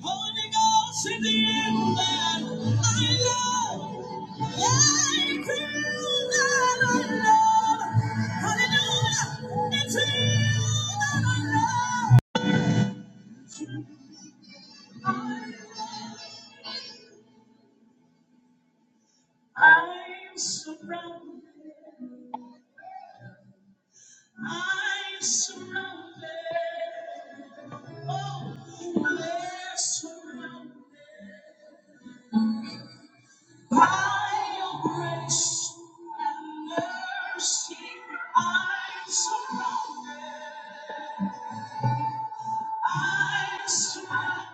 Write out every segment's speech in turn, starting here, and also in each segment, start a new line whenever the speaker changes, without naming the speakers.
Holy Ghost in the air that I love. I feel that I love. Hallelujah. It's you that I love. I'm surrounded. I'm surrounded. Oh, we're surrounded by your grace and mercy. I'm surrounded. I'm surrounded.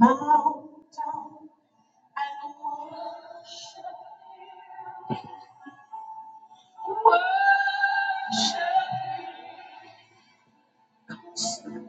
Bow down and worship, worship, worship.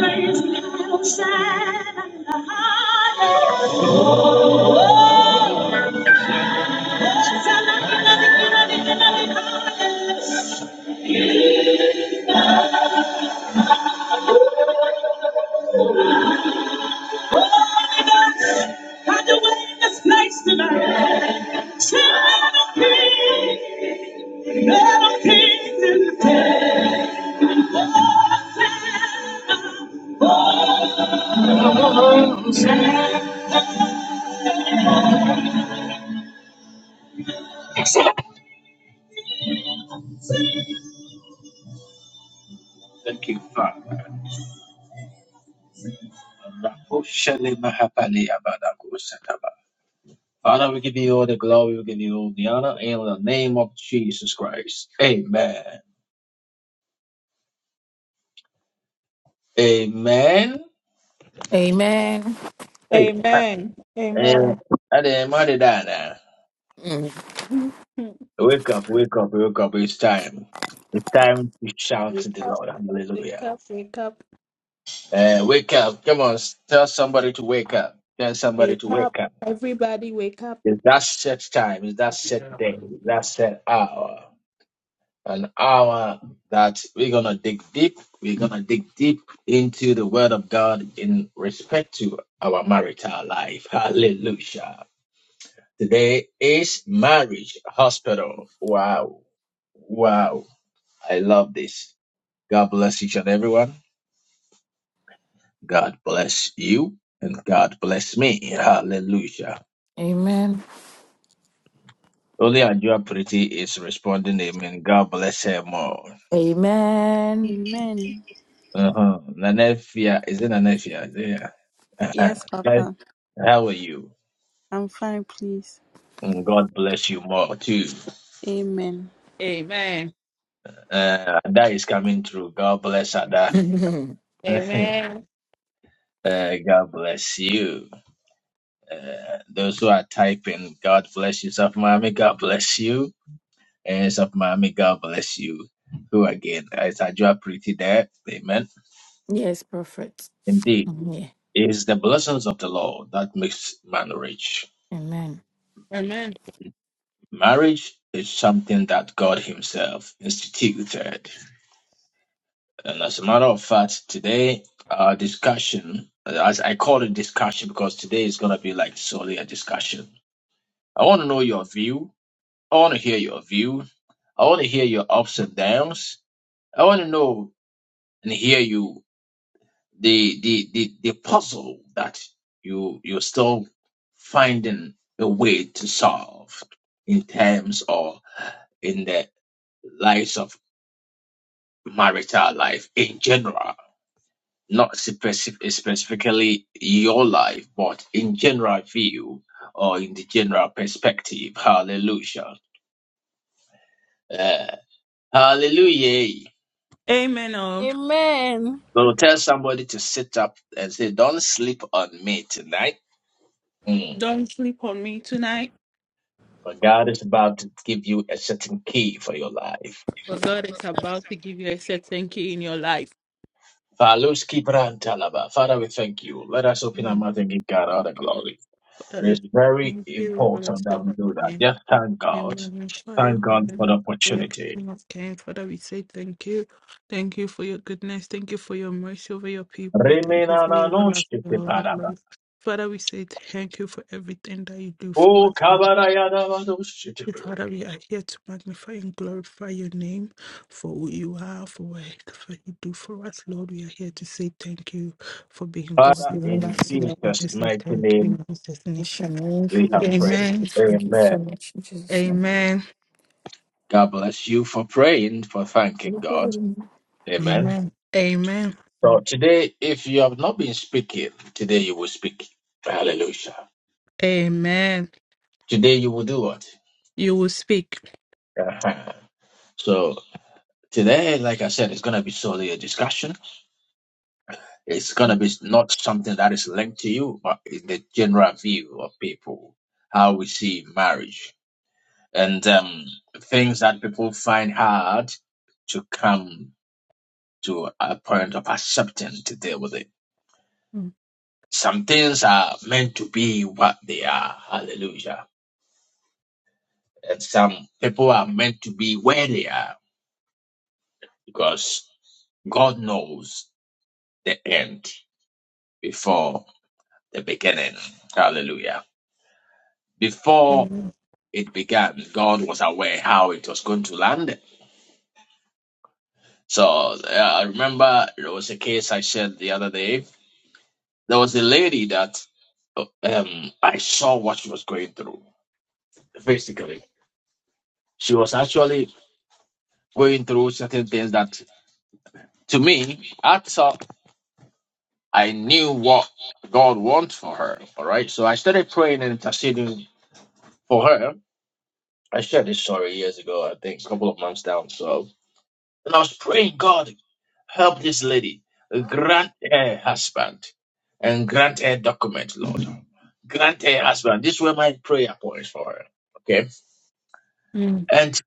Praise the outside and the heart. Thank you, Father. Father, we give you all the glory, we give you all the honor in the name of Jesus Christ. Amen. Amen.
Amen.
Hey.
Amen.
Eh,
Amen.
and did mother matter uh,
Mm.
Wake up, wake up, wake up. It's time. It's time to shout to
wake
the
up,
Lord.
wake
Hallelujah.
up, wake up,
Uh, wake up. Come on. s- Tell somebody to wake up. Tell somebody
wake
to
up.
wake up.
Everybody wake up.
It's that set time. It's that set day. It's that set hour. An hour that we're going to dig deep. We're going to dig deep into the Word of God in respect to our marital life. Hallelujah. Today is Marriage Hospital. Wow. Wow. I love this. God bless each and everyone. God bless you. And God bless me. Hallelujah.
Amen.
Only Ajua Pretty is responding, Amen. God bless her more.
Amen.
Amen.
Uh-huh. Nanefia, is it Nanefia? Yeah. Uh-huh.
Yes,
Hi,
Papa.
How are you?
I'm fine, please.
Mm, God bless you more too.
Amen.
Amen.
Uh, Ada is coming through. God bless Ada. uh,
Amen.
God bless you. Uh, those who are typing, God bless you, Safmami. God bless you. hands of Mommy, God bless you. Who again, as I draw pretty there, amen.
Yes, prophet.
Indeed,
Mm, Yeah.
it is the blessings of the Lord that makes man rich.
Amen.
Amen.
Marriage is something that God Himself instituted. And as a matter of fact, today, our discussion, as I call it discussion because today is going to be like solely a discussion. I want to know your view. I want to hear your view. I want to hear your ups and downs. I want to know and hear you the the the, the puzzle that you you're still finding a way to solve in terms or in the lives of marital life in general not specific, specifically your life but in general view or in the general perspective hallelujah Uh, hallelujah
Amen. Um,
Amen.
so tell somebody to sit up and say don't sleep on me tonight Mm.
don't sleep on me tonight,
For God is about to give you a certain key for your life.
For God is about to give you a certain key in your life.
Faluski brantalaba. Father, we thank you. Let us open our
Mm,
mouth and give God all the glory. It
Father,
is
we
very
Thank you, we bless
important that
your
we
holy
do that.
name.
Just thank
We
God.
magnify your
Thank God
holy
for the
name, for your
opportunity.
King of Kings. Father, we say thank you. Thank you for your goodness. Thank you for your mercy over your people. Thank you for your everlasting love,
Remenananushkitebaraba.
Lord. Father, we say thank you for everything that you do for
O
us, Lord.
kabarayadavadushkitebe.
Father, we are here to magnify and glorify your name for who you are, for what for what you do for us, Lord. We are here to say thank you for being God
Yes,
Father,
in our
Lord.
in
Thank
lives. We are here
Jesus'
to say
mighty
thank you
name,
in Jesus' name.
we have prayed.
Amen.
you
Amen.
so much, in Jesus. name.
Amen.
God bless you for praying, for thanking God.
Mm.
Amen.
Amen. Amen.
So today, if you have not been speaking, today you will speak. Hallelujah.
Amen.
Today you will do what?
You will speak.
Uh-huh. So today, like I said, it's going to be solely a discussion. It's going to be not something that is linked to you, but in the general view of people, how we see marriage and um, things that people find hard to come to a point of accepting to deal with it.
Mm.
Some things are meant to be what they are. Hallelujah. And some people are meant to be where they are because God knows the end before the beginning. Hallelujah. Before
Amen.
it began, God was aware how it was going to land. So uh, I remember there was a case I shared the other day. There was a lady that um, I saw what she was going through. Basically, she was actually going through certain things that, to me, I saw I knew what God wants for her. All right. So I started praying and interceding for her. I shared this story years ago, I think a couple of months down. So, and I was praying, God, help this lady, grant her husband, and grant her document, Lord. Grant her husband. These were my prayer points for her. Okay.
Mm.
And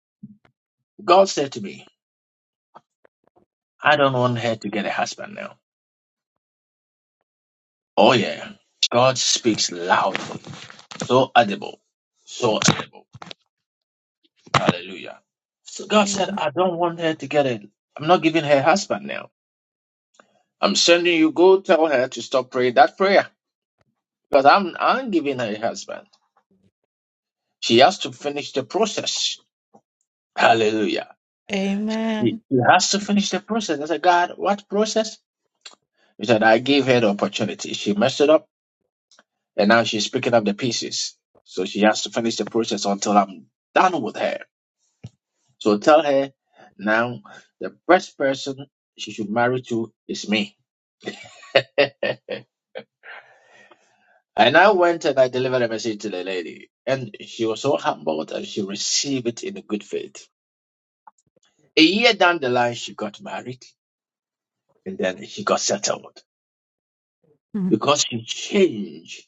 God said to me, I don't want her to get a husband now. Oh, yeah. God speaks loudly, so audible, so audible. Hallelujah. So God said,
Amen.
I don't want her to get it. I'm not giving her husband now. I'm sending you, go tell her to stop praying that prayer because I'm, I'm giving her a husband. She has to finish the process. Hallelujah. She
Amen.
she has to finish the process. I said, God, what process? He said, I gave her the opportunity. She messed it up and now she's picking up the pieces. So she has to finish the process until I'm done with her. So tell her now the best person she should marry to is me. And I went and I delivered a message to the lady, and she was so humbled and she received it in good faith. A year down the line, she got married and then she got settled
Mm.
because she changed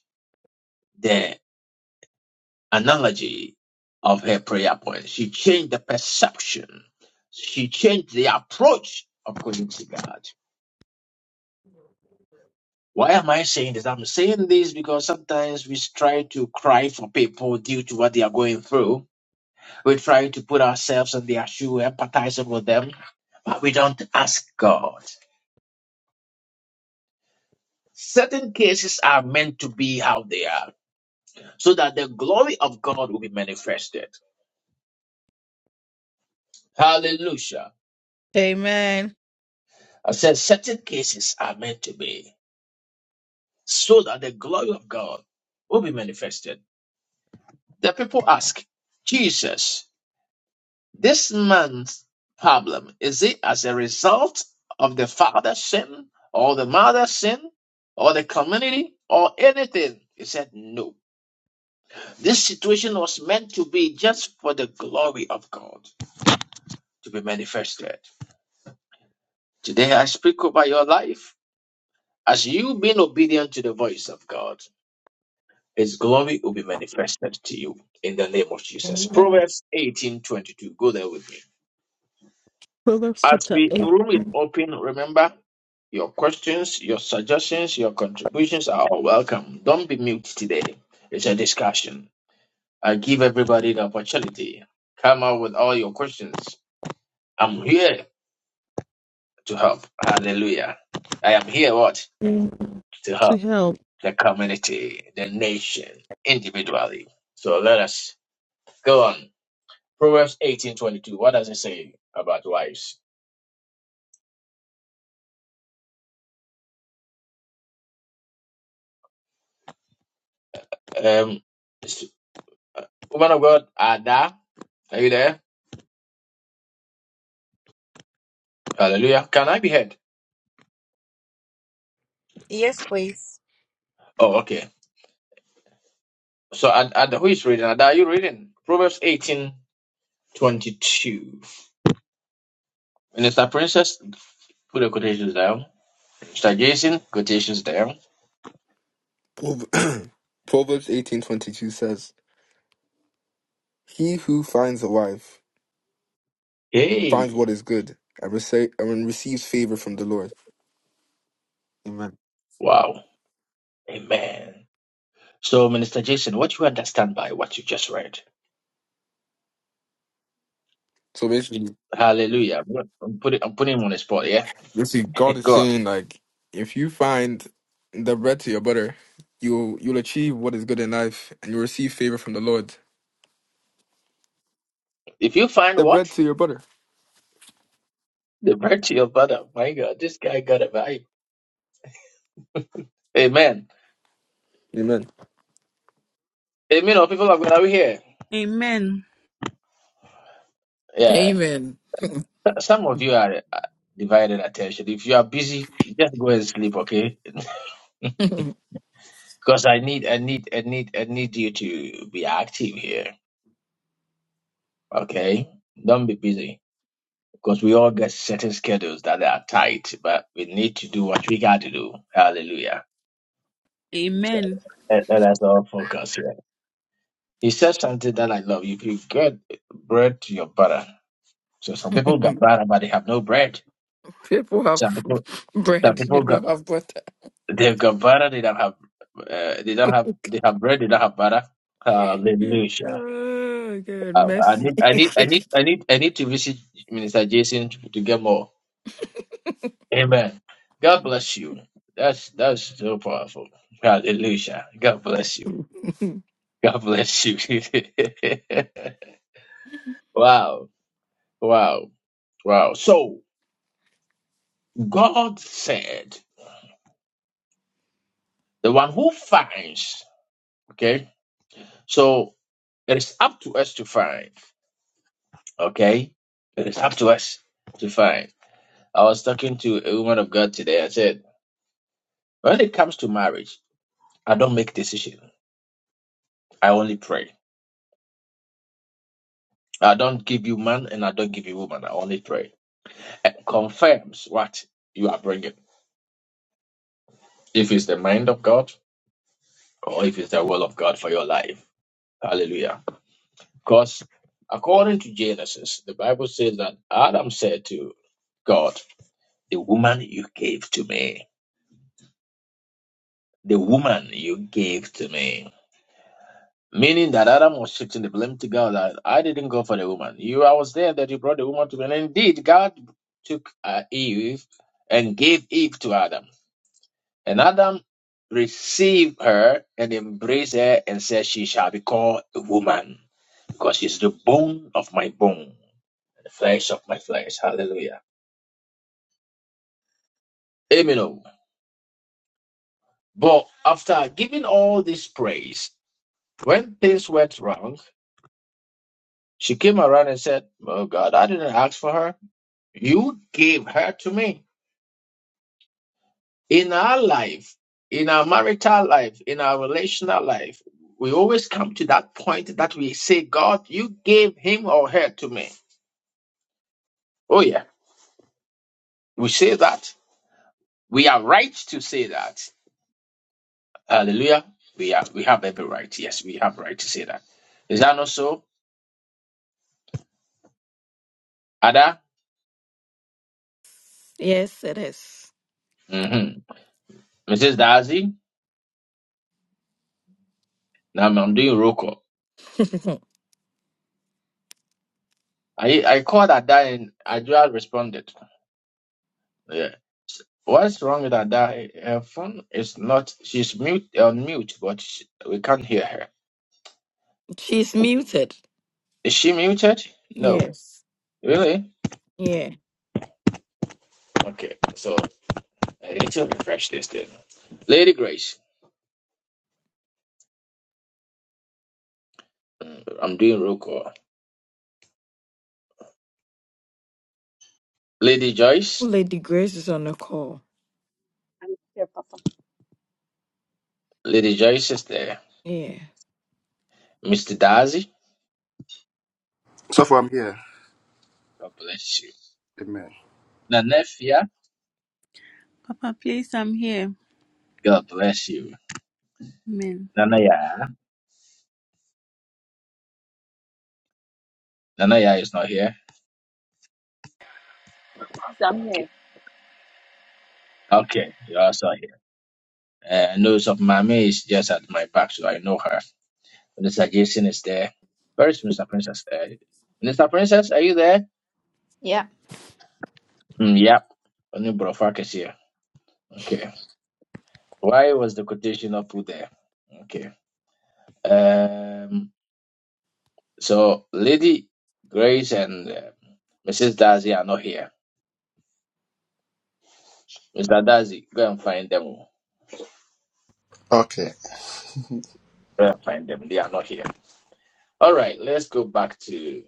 the analogy of her prayer point. She changed the perception. She changed the approach of going to God. Why am I saying this? I'm saying this because sometimes we try to cry for people due to what they are going through We try to put ourselves in their shoe, empathizing with them, but we don't ask God. Certain cases are meant to be how they are, so that the glory of God will be manifested. Hallelujah.
Amen.
I said certain cases are meant to be, so that the glory of God will be manifested. The people ask, Jesus. This man's problem is it as a result of the father's sin or the mother's sin or the community or anything? He said, No. This situation was meant to be just for the glory of God to be manifested. Today I speak over your life as you being obedient to the voice of God. His glory will be manifested to you in the name of Jesus.
Amen.
Proverbs eighteen twenty two. Go there with me.
Proverbs
As
chapter
we the
8.
room is open, remember your questions, your suggestions, your contributions are all welcome. Don't be mute today. It's a discussion. I give everybody the opportunity. Come out with all your questions. I'm here to help. Hallelujah. I am here what?
Mm.
To
To
help
help.
the community, the nation, individually. So let us go on. Proverbs eighteen twenty two. What does it say about wives? Um woman of God, Ada, are you there? Hallelujah. Can I be heard?
Yes, please.
Oh, okay. So, and, and who is reading? Ada, Are you reading? Proverbs eighteen twenty-two. Minister Princess, put the quotations down. Mr. Jason, quotations down.
Prov- Proverbs 18:22 says, "He who finds a wife finds what
Hey,
is good and, rece- and receives favor from the Lord." Amen.
wow. Amen. So, Minister Jason, what you understand by what you just read?
So basically,
Hallelujah. I'm gonna- I'm putting, I'm putting him on the spot, yeah?
basically, God is
Go on.
saying like, if you find the bread to your butter, you you'll achieve what is good in life, and you'll receive favor from the Lord.
If you find
The
what?
bread to your butter.
The virtue of brother. My God, this guy got a vibe. Amen.
Amen.
Amen. Our people of God, are we here?
Amen.
Yeah.
Amen.
Some of you are uh, divided attention. If you are busy, just go and sleep, okay? Because I need, I need, I need, I need you to be active here, okay? Don't be busy because we all get certain schedules that are tight, but we need to do what we got to do. Hallelujah. So
Amen.
let, let us all focus here. He said something that I love. If you get bread to your butter, so some people got butter, but they have no bread.
People have
Some people. Some
bread, you
people got
don't have butter.
They've got butter. They don't have. Uh, they don't have. They have bread. They don't have butter. Hallelujah.
Oh, God,
Uh, I
mercy.
need. I need. I need. I need. I need to visit Minister Jason to, to get more. Amen. God bless you. That's that's so powerful. Hallelujah. God bless you. God bless you. wow. Wow. Wow. So God said, the one who finds. Okay. So it is up to us to find. Okay? It's up to us to find. I was talking to a woman of God today. I said, when it comes to marriage, I don't make decision. I only pray. I don't give you man and I don't give you woman. I only pray. And confirms what you are bringing. If it's the mind of God or if it's the will of God for your life. Hallelujah. Because according to Genesis, the Bible says that Adam said to God, the woman you gave to me, the woman you gave to me. Meaning that Adam was shifting the blame to God that I didn't go for the woman. You, I was there that you brought the woman to me. And indeed, God took uh, Eve and gave Eve to Adam. And Adam received her and embraced her and said, She shall be called a woman because she's the bone of my bone, the flesh of my flesh. Hallelujah. Amen. oh. But after giving all this praise, when things went wrong, she came around and said, Oh God, I didn't ask for her. You gave her to me. In our life, in our marital life, in our relational life, we always come to that point that we say, God, you gave him or her to me. Oh, yeah. We say that. We are right to say that. Hallelujah. We are we have every right. Yes, we have right to say that. Is that not so? Ada?
Yes, it is.
Mm-hmm. Mrs. Darcy? Now I'm doing roll call. I, I called Ada and Adua responded. Yeah. S- What's wrong with that? that her phone is not. She's mute on mute, but sh we can't hear her.
She's muted.
Is she muted? No.
Yes.
Really? Okay. So I need to refresh this thing. Lady Grace. Mm, I'm doing roll call. Lady Joyce.
Lady Grace is on the call.
I'm here, Papa.
Lady Joyce is there.
Yeah.
Mr. Darcy.
So far, I'm here.
God bless you.
Amen.
Nanefia.
Papa, please, I'm here.
God bless you.
Amen.
Nanaya. Nanaya is not here.
Someday.
Okay, you're also here. Uh, nose of Mami is just at my back, so I know her. The suggestion is there. Very soon, Mr. Princess. Uh, Mr. Princess, are you there?
Yeah.
Mm, yep. Only Brofak is here. Okay. Why was the quotation not put there? Okay. Um. So, Lady Grace and uh, Mrs. Darcy are not here. Mr. Darcy, go and find them. Go
Okay.
and find them. They are not here. All right. Let's go back to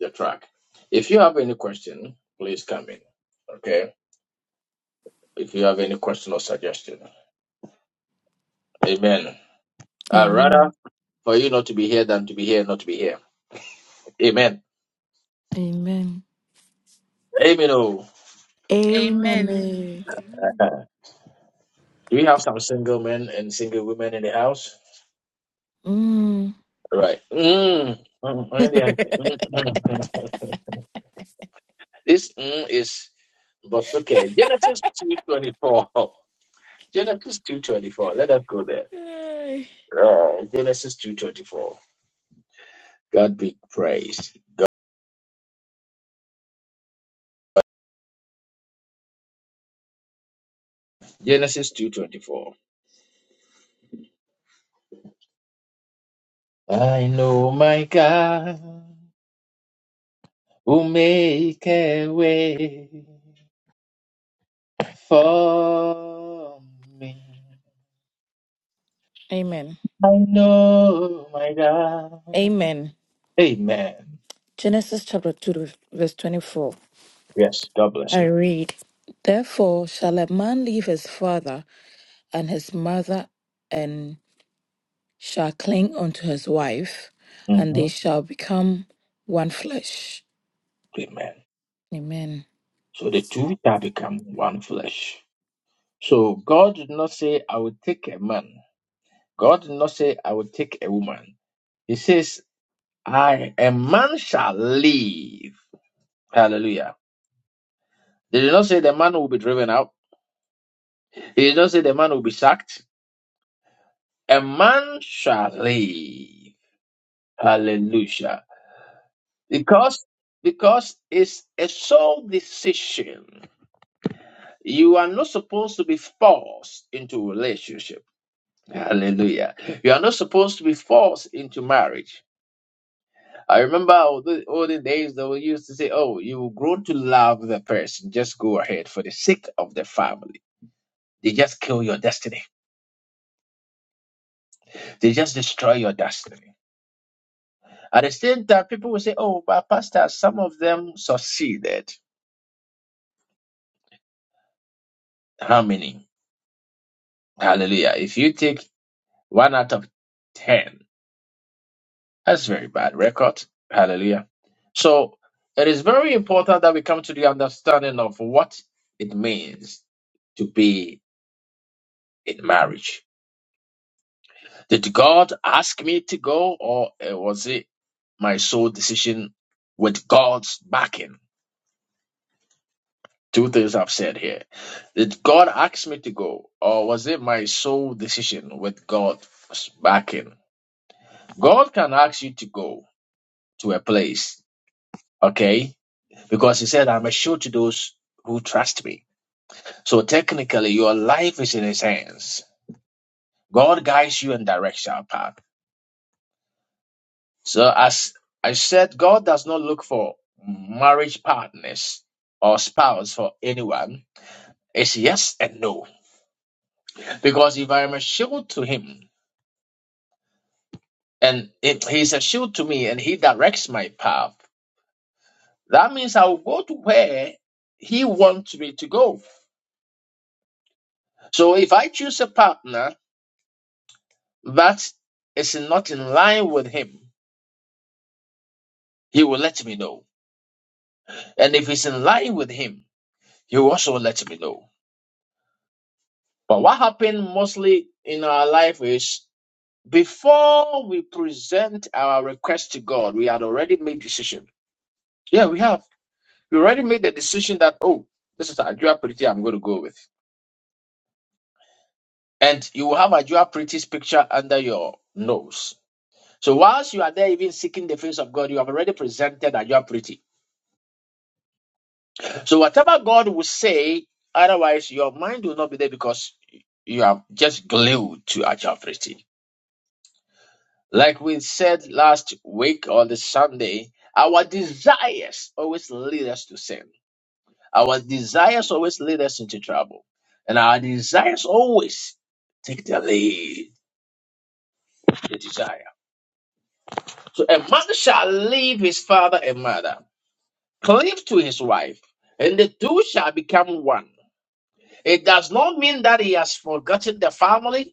the track. If you have any question, please come in. Okay. If you have any question or suggestion. Amen. Uh, rather.
Amen.
for you not to be here than to be here, not to be here. Amen.
Amen.
Amen. Oh,
Amen.
Amen.
eh.
Amen.
do we have some single men and single women in the house?
Mm.
Right. Mm. Mm, mm, mm, mm, mm. This mm is Bosuke. Genesis two twenty four. Genesis two twenty four. Let us go there.
Ay.
Oh, Genesis two twenty four. God be praised. Genesis two twenty four. I know my God will make a way for me.
Amen.
I know my God.
Amen.
Amen.
Genesis chapter 2, verse 24.
Yes, God bless
I
you.
read, Therefore shall a man leave his father and his mother, and shall cling unto his wife, and they
hmm
shall become one flesh.
Amen.
Amen.
So the two shall become one flesh. So God did not say, I will take a man. God did not say, I will take a woman. He says, I, a man shall leave. Hallelujah. They did not say the man will be driven out. He did not say the man will be sacked. A man shall leave. Hallelujah. Because because it's a sole decision. You are not supposed to be forced into relationship. Hallelujah. You are not supposed to be forced into marriage. I remember all the olden days that we used to say, oh, you've grown to love the person. Just go ahead for the sake of the family. They just kill your destiny. They just destroy your destiny. At the same time, people will say, oh, but pastor, some of them succeeded. How many? Hallelujah. If you take one out of ten, That's very bad record. Hallelujah. So it is very important that we come to the understanding of what it means to be in marriage. Did God ask me to go, or uh, was it my sole decision with God's backing? Two things I've said here. Did God ask me to go, or was it my sole decision with God's backing? God can ask you to go to a place, okay? because he said, I'm assured to those who trust me. So technically, your life is in his hands. God guides you and directs your path. So as I said, God does not look for marriage partners or spouse for anyone. It's yes and no. Because if I am assured to him and if he's a shield to me and he directs my path, that means I will go to where he wants me to go. So if I choose a partner that is not in line with him, he will let me know. And if it's in line with him, he will also let me know. But what happened mostly in our life is before we present our request to God, we had already made decision. Yeah, we have. We already made the decision that oh, this is Ajua Pretty I'm going to go with, and you will have Ajua Pretty's picture under your nose. So whilst you are there, even seeking the face of God, you have already presented Ajua Pretty. So whatever God will say, otherwise your mind will not be there because you are just glued to actuality. Like we said last week on the Sunday, our desires always lead us to sin. Our desires always lead us into trouble. And our desires always take the lead, the desire. So a man shall leave his father and mother, cleave to his wife, and the two shall become one. It does not mean that he has forgotten the family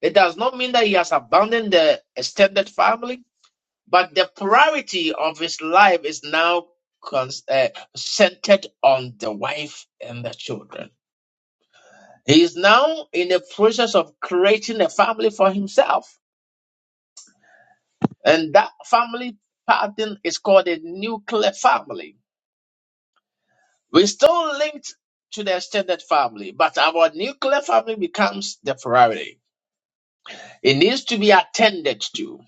It does not mean that he has abandoned the extended family, but the priority of his life is now cons- uh, centered on the wife and the children. He is now in the process of creating a family for himself, and that family pattern is called a nuclear family. We're still linked to the extended family, but our nuclear family becomes the priority. It needs to be attended to.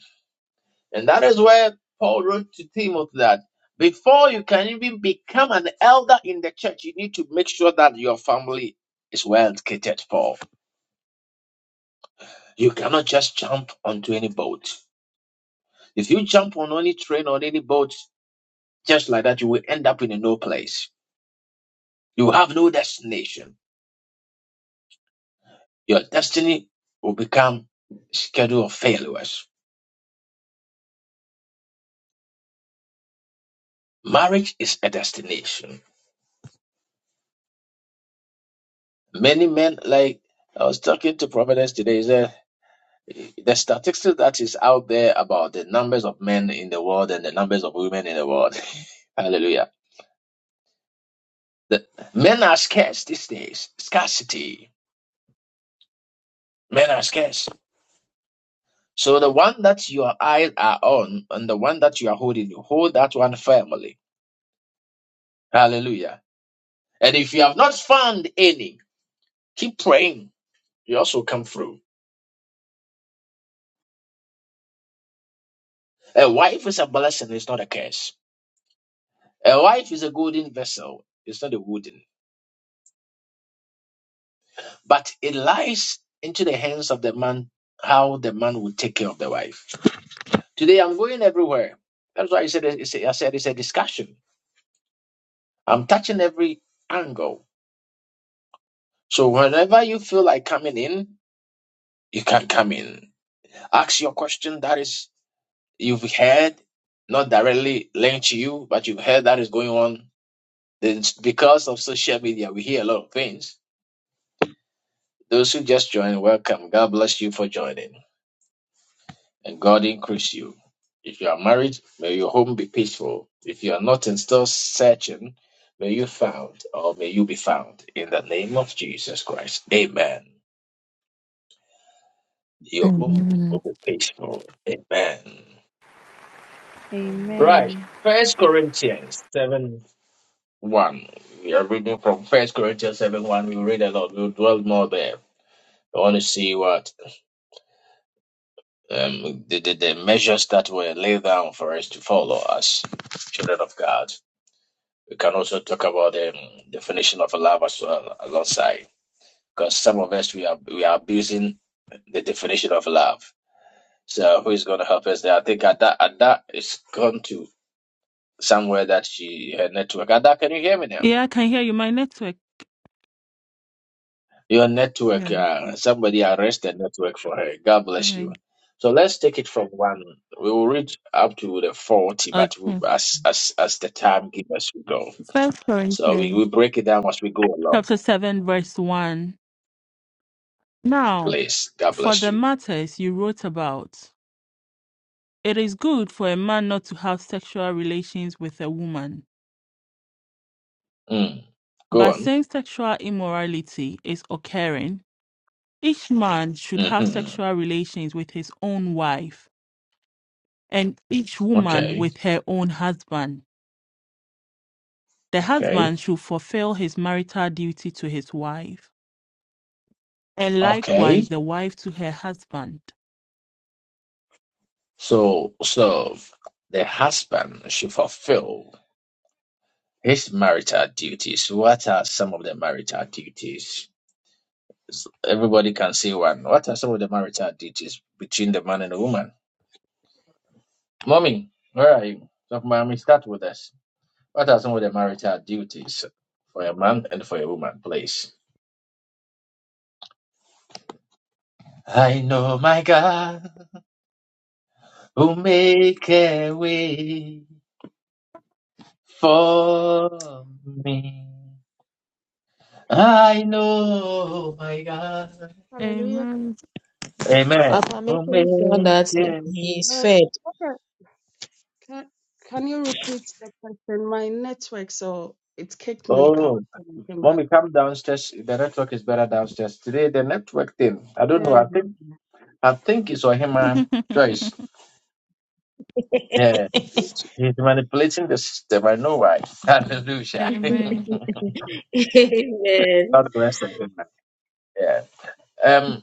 And that is where Paul wrote to Timothy that before you can even become an elder in the church, you need to make sure that your family is well catered for. You cannot just jump onto any boat. If you jump on any train or any boat, just like that, you will end up in a no place. You will have no destination. Your destiny will become a schedule of failures. Marriage is a destination. Many men, like I was talking to Providence today, he said. the statistics that is out there about the numbers of men in the world and the numbers of women in the world. Hallelujah. The, men are scarce these days. Scarcity. Men are scarce. So the one that your eyes are on and the one that you are holding, you hold that one firmly. Hallelujah. And if you have not found any, keep praying. You also come through. A wife is a blessing, it's not a curse. A wife is a golden vessel, it's not a wooden. But it lies into the hands of the man how the man will take care of the wife. Today I'm going everywhere. That's why I said it's a, I said it's a discussion. I'm touching every angle. So whenever you feel like coming in, you can come in. Ask your question that is you've heard, not directly linked to you, but you've heard that is going on. Then because of social media, we hear a lot of things. Those who just joined, welcome. God bless you for joining. and God increase you. If you are married, may your home be peaceful. If you are not and still searching, may you found or may you be found in the name of Jesus Christ. Amen. Your home
Amen.
will be peaceful. Amen. Right.
Amen.
First Corinthians seven one. We are reading from First Corinthians seven one. We'll read a lot. We'll dwell more there. I want to see what um, the, the, the measures that were laid down for us to follow as children of God. We can also talk about the definition of love as well alongside, because some of us we are we are abusing the definition of love. So who is going to help us there? I think Ada Ada is gone to somewhere that she her network. Ada, can you hear me now?
Yeah, I can hear you. My network.
Your network.
Yes.
Uh, somebody arrest the network for her. God bless you.
Amen.
So let's take it from one. We will read up to the forty, but we,
Okay.
as as as the time gives us, we go.
First
So we,
Corinthians.
we break it down as we go along.
Chapter 7, verse 1. Now.
Please, God
For
bless
the
you.
matters you wrote about, it is good for a man not to have sexual relations with a woman,
Mm. Go
but
on.
since sexual immorality is occurring, each man should have
hmm
sexual relations with his own wife and each woman
Okay.
with her own husband. The
Okay.
husband should fulfill his marital duty to his wife. and likewise
Okay.
the wife to her husband.
So, so the husband should fulfill his marital duties. What are some of the marital duties? S- Everybody can say one. What are some of the marital duties between the man and the woman? Mommy, where are you? So, mommy, start with us. What are some of the marital duties for a man and for a woman, please? I know my God who make a way. for me. I know my God.
Hallelujah.
Amen.
Amen.
After making sure
Amazing.
that he he is
Uh,
fed.
okay. Can, can you repeat the question? My network, so it kicked me out
Oh,
when I came
when
back.
we come downstairs, the network is better downstairs. Today, the network thing, I don't know.
Yeah.
I think I think it's Ohima Joyce. Yeah, he's manipulating the system. I know why. Hallelujah.
Amen.
God
Amen.
bless everyone. Yeah. Um.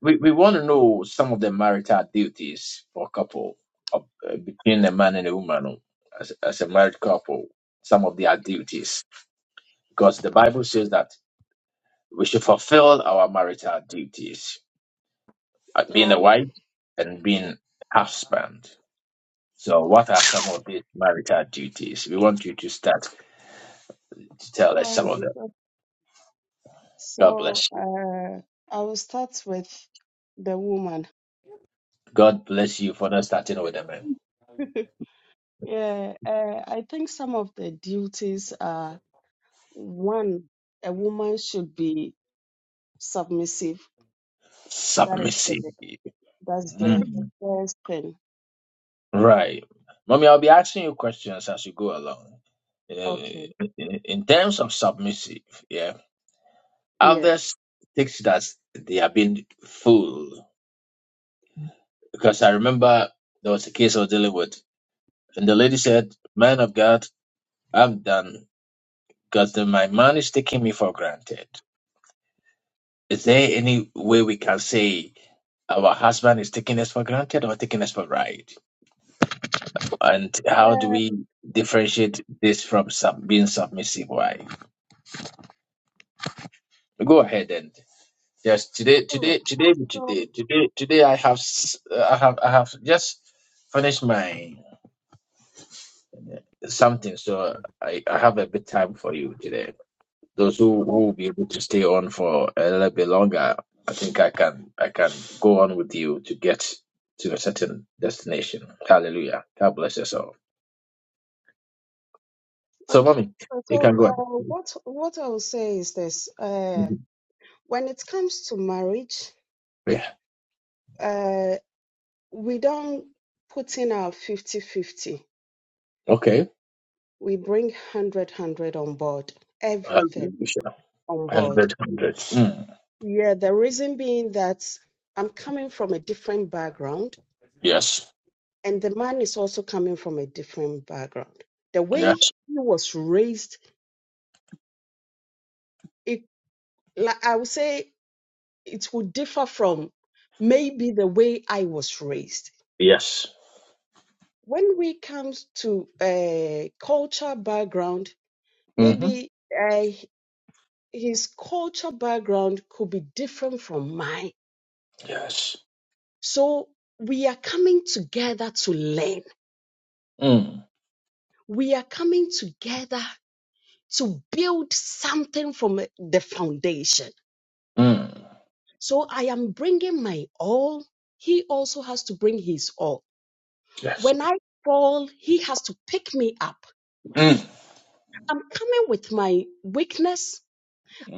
we, we want to know some of the marital duties for a couple of, uh, between a man and a woman oh, as, as a married couple some of their duties because the bible says that we should fulfill our marital duties uh, being a
Oh,
wife and being husband so what are some of these marital duties we want you to start to tell us some
all
of them
right.
god
So
bless you
uh, I will start with the woman.
god bless you for not starting with a man
Yeah, uh, I think some of the duties are one, a woman should be submissive. That is
submissive
the that's the
Mm.
first thing.
Right. Mommy, I'll be asking you questions as you go along. Uh,
Okay.
In terms of submissive, yeah,
Yeah.
others think that they have been fooled. Because I remember there was a case I was dealing with, and the lady said, Man of God, I'm done because the- my man is taking me for granted. Is there any way we can say our husband is taking us for granted or taking us for right? And how do we differentiate this from sub- being submissive wife? Go ahead and yes, today,
Um,
today, today,
So,
today, today, today. I have, s- uh, I have, I have just finished my something, so I, I have a bit time for you today. Those who who
o-
will be able to stay on for a little bit longer, I think I can, I can go on with you to get to a certain destination. Hallelujah. God bless us all. So,
okay,
mommy, you
so
can go.
uh,
Ahead.
what what I will say is this: uh,
Mhm.
when it comes to marriage,
Yeah.
uh, we don't put in our fifty fifty.
Okay.
We bring 100 on board, everything
Hallelujah.
on board.
Hundred, hundred. Mm.
Yeah, the reason being that I'm coming from a different background,
Yes.
and the man is also coming from a different background. The way
Yes.
he was raised, it like I would say. it would differ from maybe the way I was raised.
Yes.
When we come to a culture background,
Mm-hmm.
maybe uh, his culture background could be different from mine.
Yes.
So we are coming together to learn.
Mm,
We are coming together to build something from the foundation.
mm,
So I am bringing my all. He also has to bring his all.
Yes.
When I fall, he has to pick me up
mm.
I'm coming with my weakness.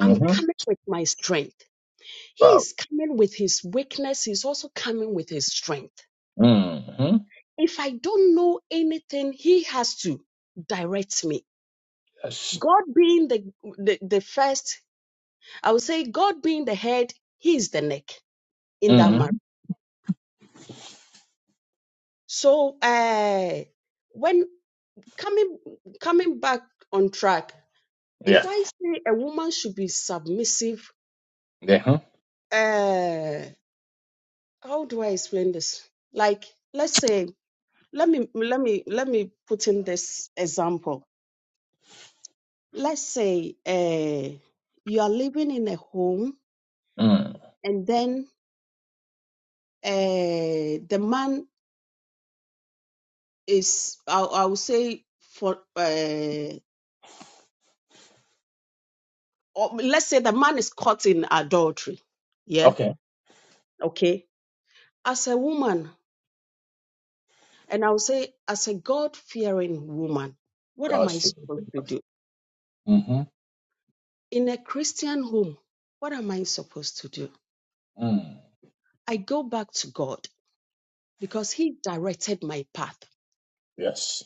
I'm coming with my strength. He
Wow.
is coming with his weakness. He's also coming with his strength.
Mm-hmm.
If I don't know anything, he has to direct me.
Yes.
God being the, the, the first, I would say God being the head, he is the neck in that marriage.
Mm-hmm.
So uh, when coming coming back on track, if
Yeah.
I say a woman should be submissive,
Yeah. huh?
uh, how do I explain this? Like, let's say, let me let me let me put in this example. Let's say uh, you are living in a home,
Mm.
and then uh, the man is, I, I would say, for uh, or let's say the man is caught in adultery. Yeah,
Okay.
okay. As a woman, and I would say, as a God-fearing woman, what am
God's
I
favorite.
supposed to do
Mm-hmm.
in a Christian home? What am I supposed to do?
Mm.
I go back to God because He directed my path.
Yes.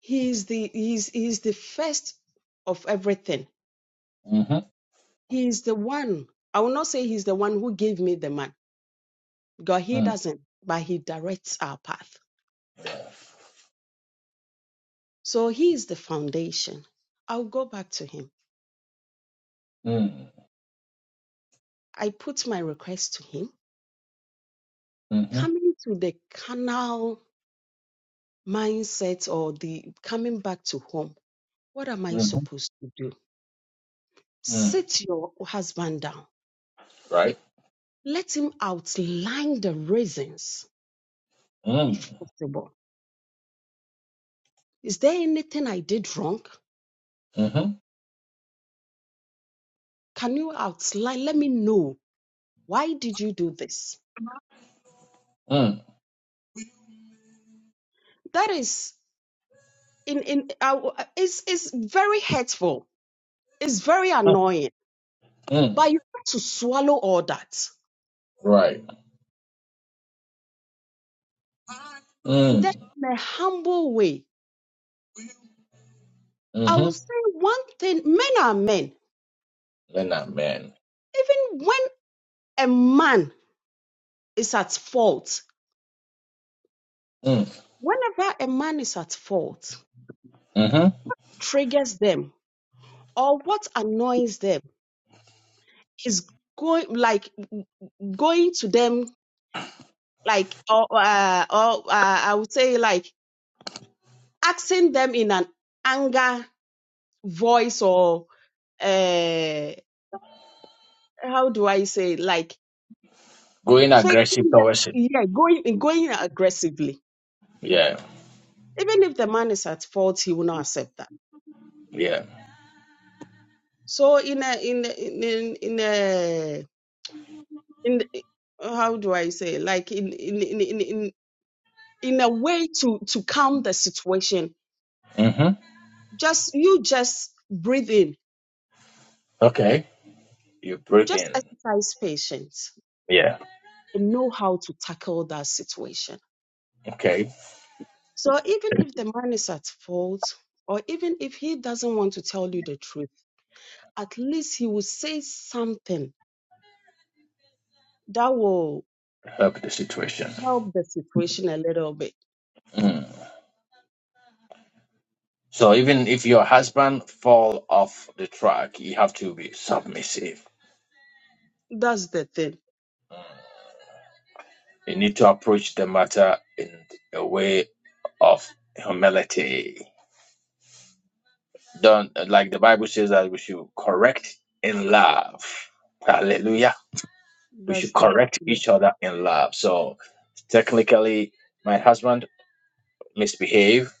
He is the He is, he is the first of everything.
Mm-hmm.
He is the one. I will not say He's the one who gave me the man. God, He
Mm.
doesn't, but He directs our path. So He is the foundation. I'll go back to Him.
Mm.
I put my request to Him.
Mm-hmm.
Coming to the carnal mindset or the coming back to home, what am I
Mm-hmm.
supposed to do?
Mm.
Sit your husband down
Right.
Let him outline the reasons,
Mm.
if possible. Is there anything I did wrong?
Mm-hmm.
Can you outline? Let me know. Why did you do this?
Mm.
That is in in uh, is is very hurtful. It's very annoying.
Mm.
But you have to swallow all that.
Right.
And then
Mm.
in a humble way, I
Mm-hmm.
will say one thing: men are men.
Then that man.
Even when a man is at fault,
Mm.
whenever a man is at fault,
Mm-hmm.
triggers them or what annoys them is going like going to them like or uh, or uh, I would say like asking them in an anger voice or uh, how do I say like
Going aggressive
taking the,
towards it.
yeah going going aggressively
Yeah.
even if the man is at fault he will not accept that
Yeah.
so in a in a- in in in a in the- how do I say like in in in in, in in a way to to calm the situation
Mm-hmm.
Just you just breathe in,
Okay. You breathe
just
in.
exercise patience
Yeah.
and know how to tackle that situation.
Okay.
So even if the man is at fault, or even if he doesn't want to tell you the truth, at least he will say something that will
help the situation.
help the situation a little bit.
Mm. So even if your husband fall off the track, you have to be submissive.
That's the thing.
You need to approach the matter in a way of humility. Don't like the Bible says that we should correct in love. Hallelujah. We
That's
should
the
correct
yeah.
each other in love. So technically, my husband misbehaved,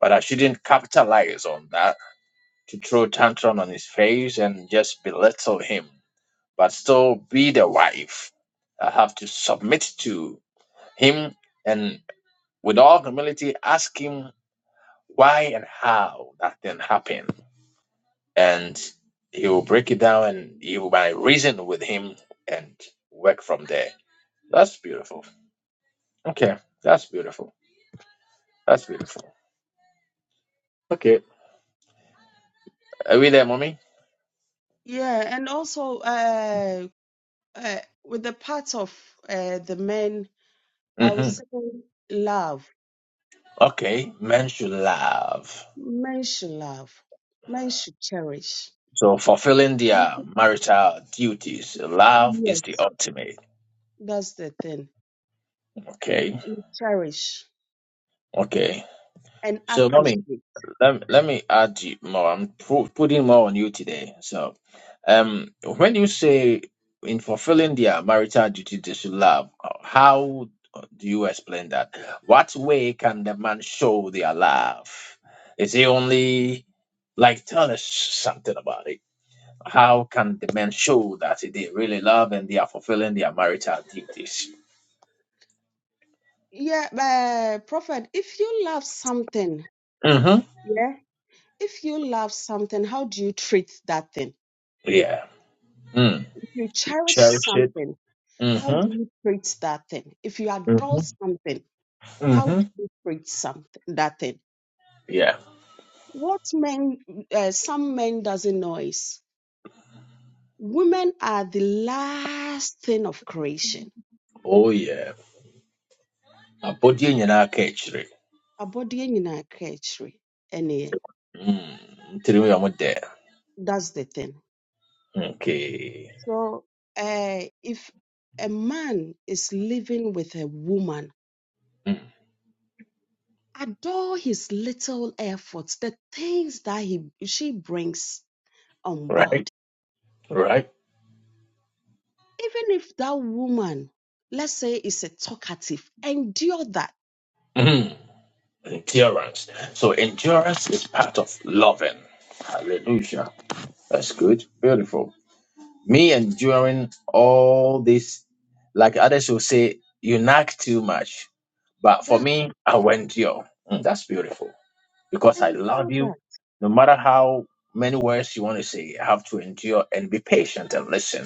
but I shouldn't capitalize on that to throw tantrum on his face and just belittle him. but still be the wife. I have to submit to him and with all humility ask him why and how that thing happened. And he will break it down and you will might reason with him and work from there. That's beautiful. Okay. That's beautiful. That's beautiful. Okay. Are we there, mommy?
Yeah, and also uh, uh, with the part of uh, the men, I would
Mm-hmm.
say love.
Okay. Men should love.
Men should love. Men should cherish.
So fulfilling their marital duties, love is the
Yes,
ultimate.
that's the thing.
Okay.
And Cherish
Okay.
and
So, mommy,
appreciate.
let, let me add you more. I'm pu- putting more on you today. So, um, when you say in fulfilling their marital duty, they should love, how do you explain that? What way can the man show their love? Is he only like tell us something about it? How can the men show that they really love and they are fulfilling their marital duties?
Yeah, uh, Prophet, if you love something,
Mm-hmm.
yeah, if you love something, how do you treat that thing?
Yeah. Mm.
If you cherish something, how do
Mm-hmm.
you treat that thing? If you adore something, how
Mm-hmm.
do you treat something that thing?
Yeah.
What men, uh, some men doesn't know is women are the last thing of creation
Oh, yeah. abɔdeɛ nyinaa ka akyire
abɔdeɛ nyinaa ka akyire ɛne yɛn.
Mm, ntirim yɛ ɔmo dɛ
That's the thing.
okay
So uh, if a man is living with a woman,
Mm,
adore his little efforts, the things that he she brings on board.
right right
Even if that woman, let's say, is a talkative, endure that.
Mm, endurance so endurance is part of loving hallelujah that's good beautiful me enduring all this like others will say you nag too much but for
That
me i will endure Mm, that's beautiful because I love
endure
you.
that.
No matter how many words you want to say, you have to endure and be patient and listen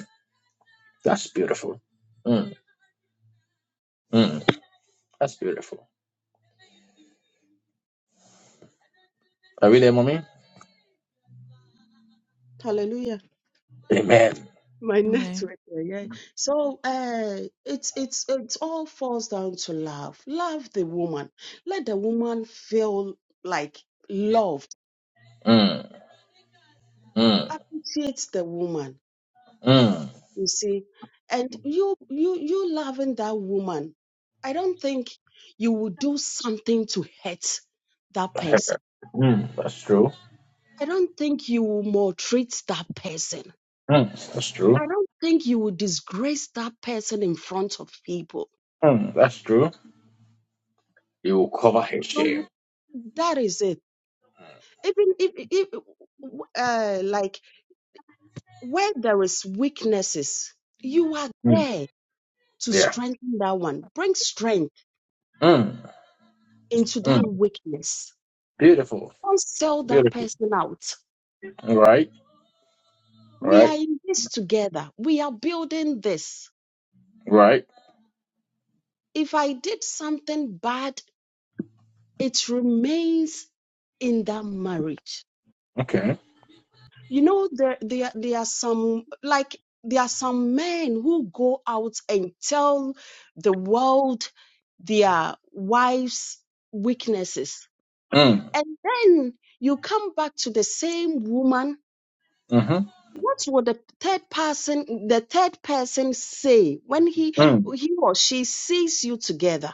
That's beautiful. Mm, mm. That's beautiful. Are we there, mommy?
Hallelujah.
Amen.
My
Amen.
network, yeah. So uh, it's it's it's all falls down to love. Love the woman. Let the woman feel like loved.
Mm, mm,
Appreciate the woman.
mm.
You see, and you you you loving that woman. I don't think you will do something to hurt that person.
Mm, that's true.
I don't think you will maltreat that person.
Mm, that's true.
I don't think you will disgrace that person in front of people.
Mm, that's true. You will cover his
So
shame.
that is it even if, if uh, like where there is weaknesses you are
Mm,
there to
yeah.
strengthen that one bring strength
Mm,
into
mm.
that weakness
Beautiful.
don't sell that
Beautiful.
person out
Right.
we are
Right.
in this together we are building this
Right.
if i did something bad it remains in that marriage
Okay.
you know there there there are some like there are some men who go out and tell the world their wives weaknesses
Mm,
and then you come back to the same woman
mm-hmm.
what will the third person the third person say when he
Mm,
he or she sees you together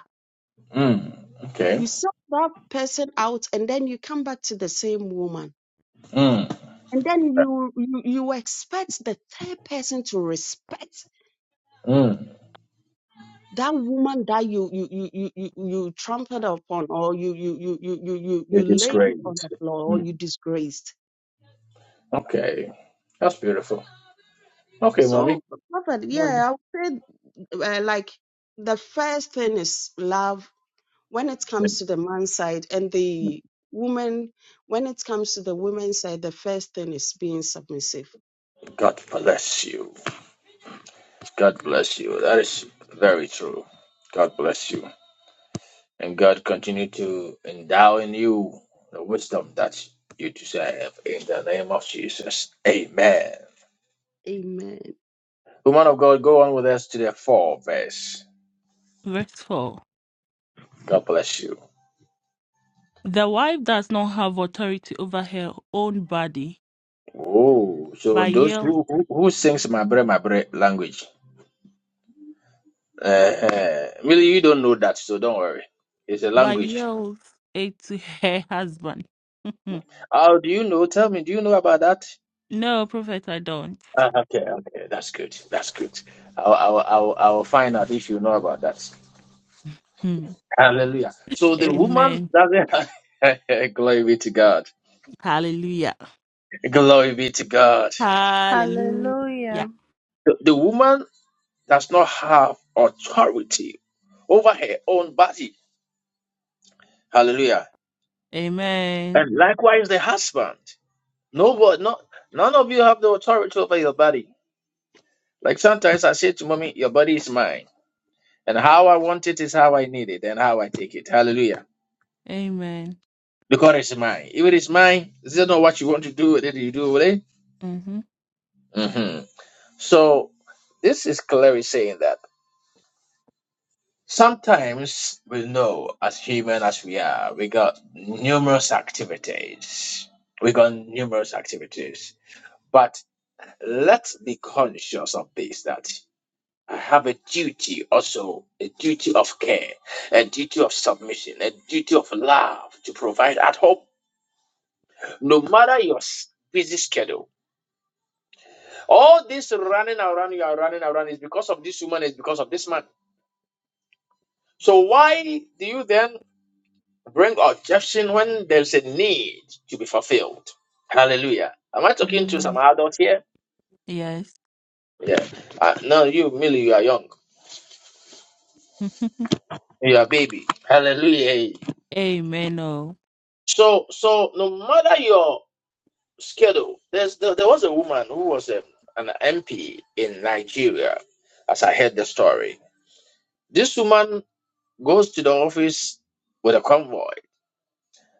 mm. Okay.
you sell that person out and then you come back to the same woman
Mm,
and then you you, you expect the third person to respect
mm.
that woman that you you you you you, you trampled upon or you you you you you you you
It is
laid
great.
on the floor or
Mm.
you disgraced
Okay. That's beautiful. Okay, mommy.
so prophet yeah i would say uh, like the first thing is love when it
May
comes to the man's side and the woman when it comes to the women's side the first thing is being submissive
God bless you. God bless you. That is very true. God bless you. And God continue to endow in you the wisdom that you deserve in the name of Jesus. Amen.
amen
Woman of God, go on with us to the four verse.
Verse 4.
God bless you.
The wife does not have authority over her own body,
Oh, so
but
those
yields.
who who, who sings my bre my bre language. Uh, really, you don't know that, so don't worry. It's a
But
language.
yells it to her husband.
How do you know? Tell me, do you know about that?
no, Prophet, I don't.
Ah, okay, okay, that's good. That's good. I'll, I'll, I'll, I'll find out if you know about that.
Hmm.
Hallelujah. So the woman
Amen.
doesn't. Glory be to God.
Hallelujah.
Glory be to God.
Hallelujah.
Hallelujah.
The, the woman does not have authority over her own body. Hallelujah.
Amen.
And likewise, the husband. Nobody, not, none of you have the authority over your body. Like sometimes I say to mommy, your body is mine. And how I want it is how I need it and how I take it. Hallelujah.
Amen.
because it's mine. If it is mine, this is not what you want to do with it, you do with it.
Mm-hmm.
hmm So this is clearly saying that sometimes we know, as human as we are, we got numerous activities. We got numerous activities. But let's be conscious of this that I have a duty also, a duty of care, a duty of submission, a duty of love to provide at home, no matter your busy schedule All this running around, you are running around, is because of this woman, is because of this man. So why do you then bring objection when there's a need to be fulfilled? Hallelujah. Am I talking to some
Amen.
adults here?
Yes.
Yeah. Uh, no, you, Millie, you are young. You are a baby. Hallelujah.
Amen. Oh.
So, so no matter your schedule, there's there, there was a woman who was a, an MP in Nigeria, as I heard the story. This woman goes to the office with a convoy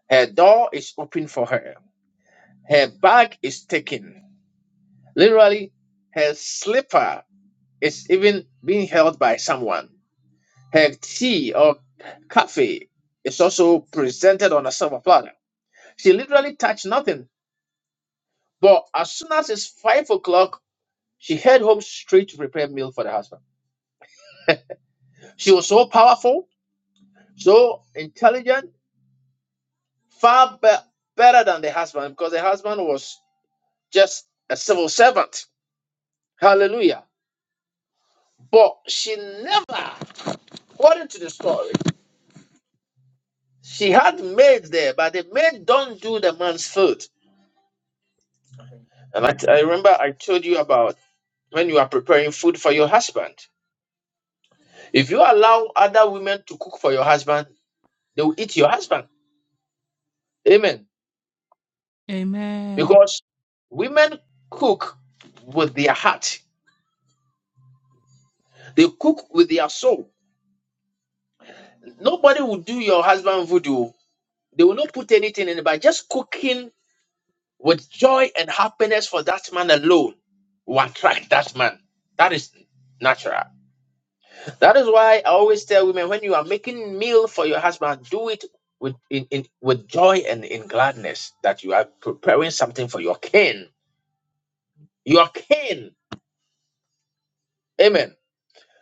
Her door is open for her. Her bag is taken. Literally, her slipper is even being held by someone. Her tea or coffee is also presented on a silver platter. She literally touched nothing. But as soon as it's five o'clock, she head home straight to prepare meal for the husband. She was so powerful, so intelligent, far be- better than the husband because the husband was just a civil servant. Hallelujah. But she never, according to the story, she had maids there, but the maid don't do the man's food. And I, I remember I told you about when you are preparing food for your husband. If you allow other women to cook for your husband, they will eat your husband. Amen.
Amen.
Because women cook with their heart, they cook with their soul. Nobody will do your husband voodoo. They will not put anything in it, but just cooking With joy and happiness for that man alone will attract that man. That is natural. That is why I always tell women when you are making meal for your husband, do it with in, in with joy and in gladness that you are preparing something for your king. Your king. Amen.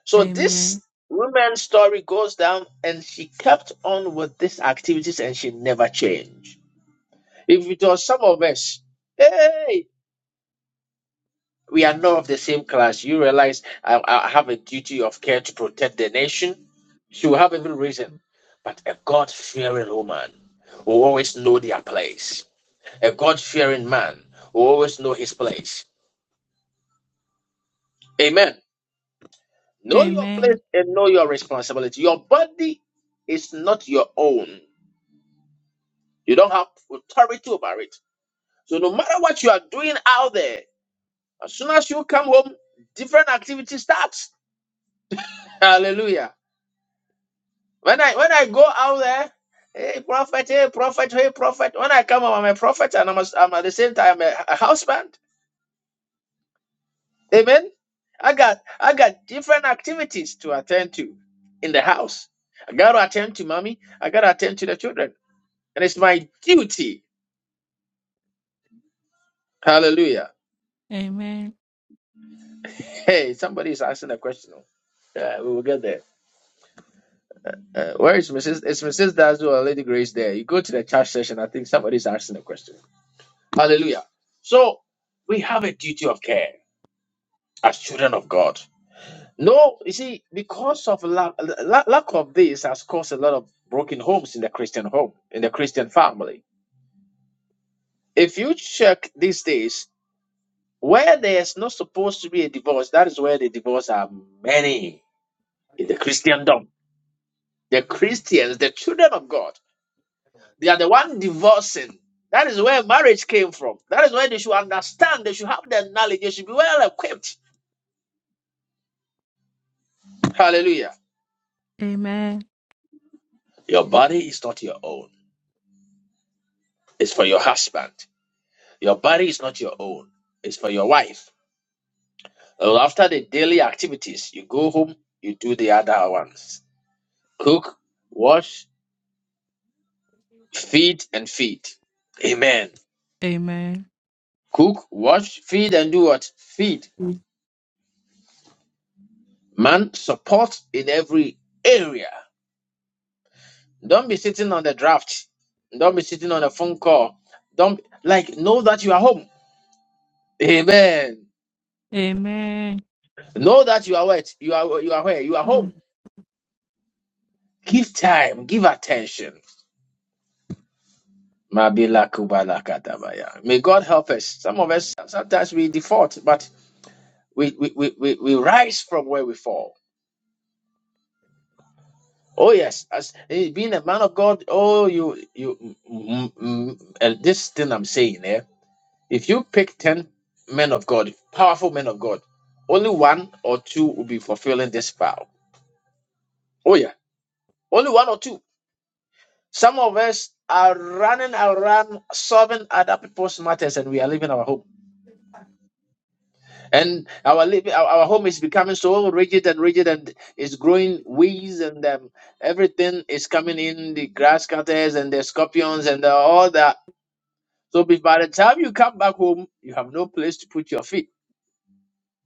So this
Amen.
woman's story goes down and she kept on with these activities and she never changed. If it was some of us, hey, We are not of the same class. You realize I, I have a duty of care to protect the nation. She will have every reason. But a God fearing woman will always know their place. A God fearing man will always know his place. Amen. Know your
Amen.
place and know your responsibility. Your body is not your own. You don't have authority over it. So no matter what you are doing out there, as soon as you come home, different activity starts. Hallelujah. When I when I go out there, hey prophet, hey prophet, hey prophet. When I come, I'm a prophet, and I'm, a, I'm at the same time a, a husband. Amen. I got I got different activities to attend to in the house. I got to attend to mommy. I got to attend to the children, and it's my duty. Hallelujah.
Amen.
Hey, somebody is asking a question. Uh, we will get there. Uh, where is Mrs. Is Mrs. Dazzle or Lady Grace there? You go to the church session. I think somebody is asking a question. Hallelujah. So we have a duty of care. as children of God. No, you see, because of lack, lack, lack of this has caused a lot of broken homes in the Christian home, in the Christian family. If you check these days, where there's not supposed to be a divorce, that is where the divorce are many in the Christendom. The Christians, the children of God, they are the one divorcing. That is where marriage came from. That is where they should understand. They should have the knowledge. They should be well equipped. Hallelujah.
Amen.
Your body is not your own. It's for your husband. Your body is not your own, it's for your wife. Well, after the daily activities, you go home, you do the other ones cook, wash, feed, and feed. Amen.
Amen.
Cook, wash, feed, and do what? Feed.
Amen.
Man, support in every area. Don't be sitting on the draft. Don't be sitting on a phone call. Don't like know that you are home. Amen. Know that you are what? You are you are where? You are home. Give time, give attention. Mabila kubala katabaya. May God help us. Some of us sometimes we default, but we we, we, we we rise from where we fall. Oh yes, as eh, being a man of God, oh you you mm, mm, mm, eh, this thing I'm saying here. if you pick ten men of God, powerful men of God, only one or two will be fulfilling this vow. Oh yeah, only one or two. Some of us are running around solving other people's matters, and we are leaving our home. And our living, our, our home is becoming so rigid and rigid, and it's growing weeds, and um, everything is coming in the grass cutters and the scorpions and the- all that. So be- by the time you come back home, you have no place to put your feet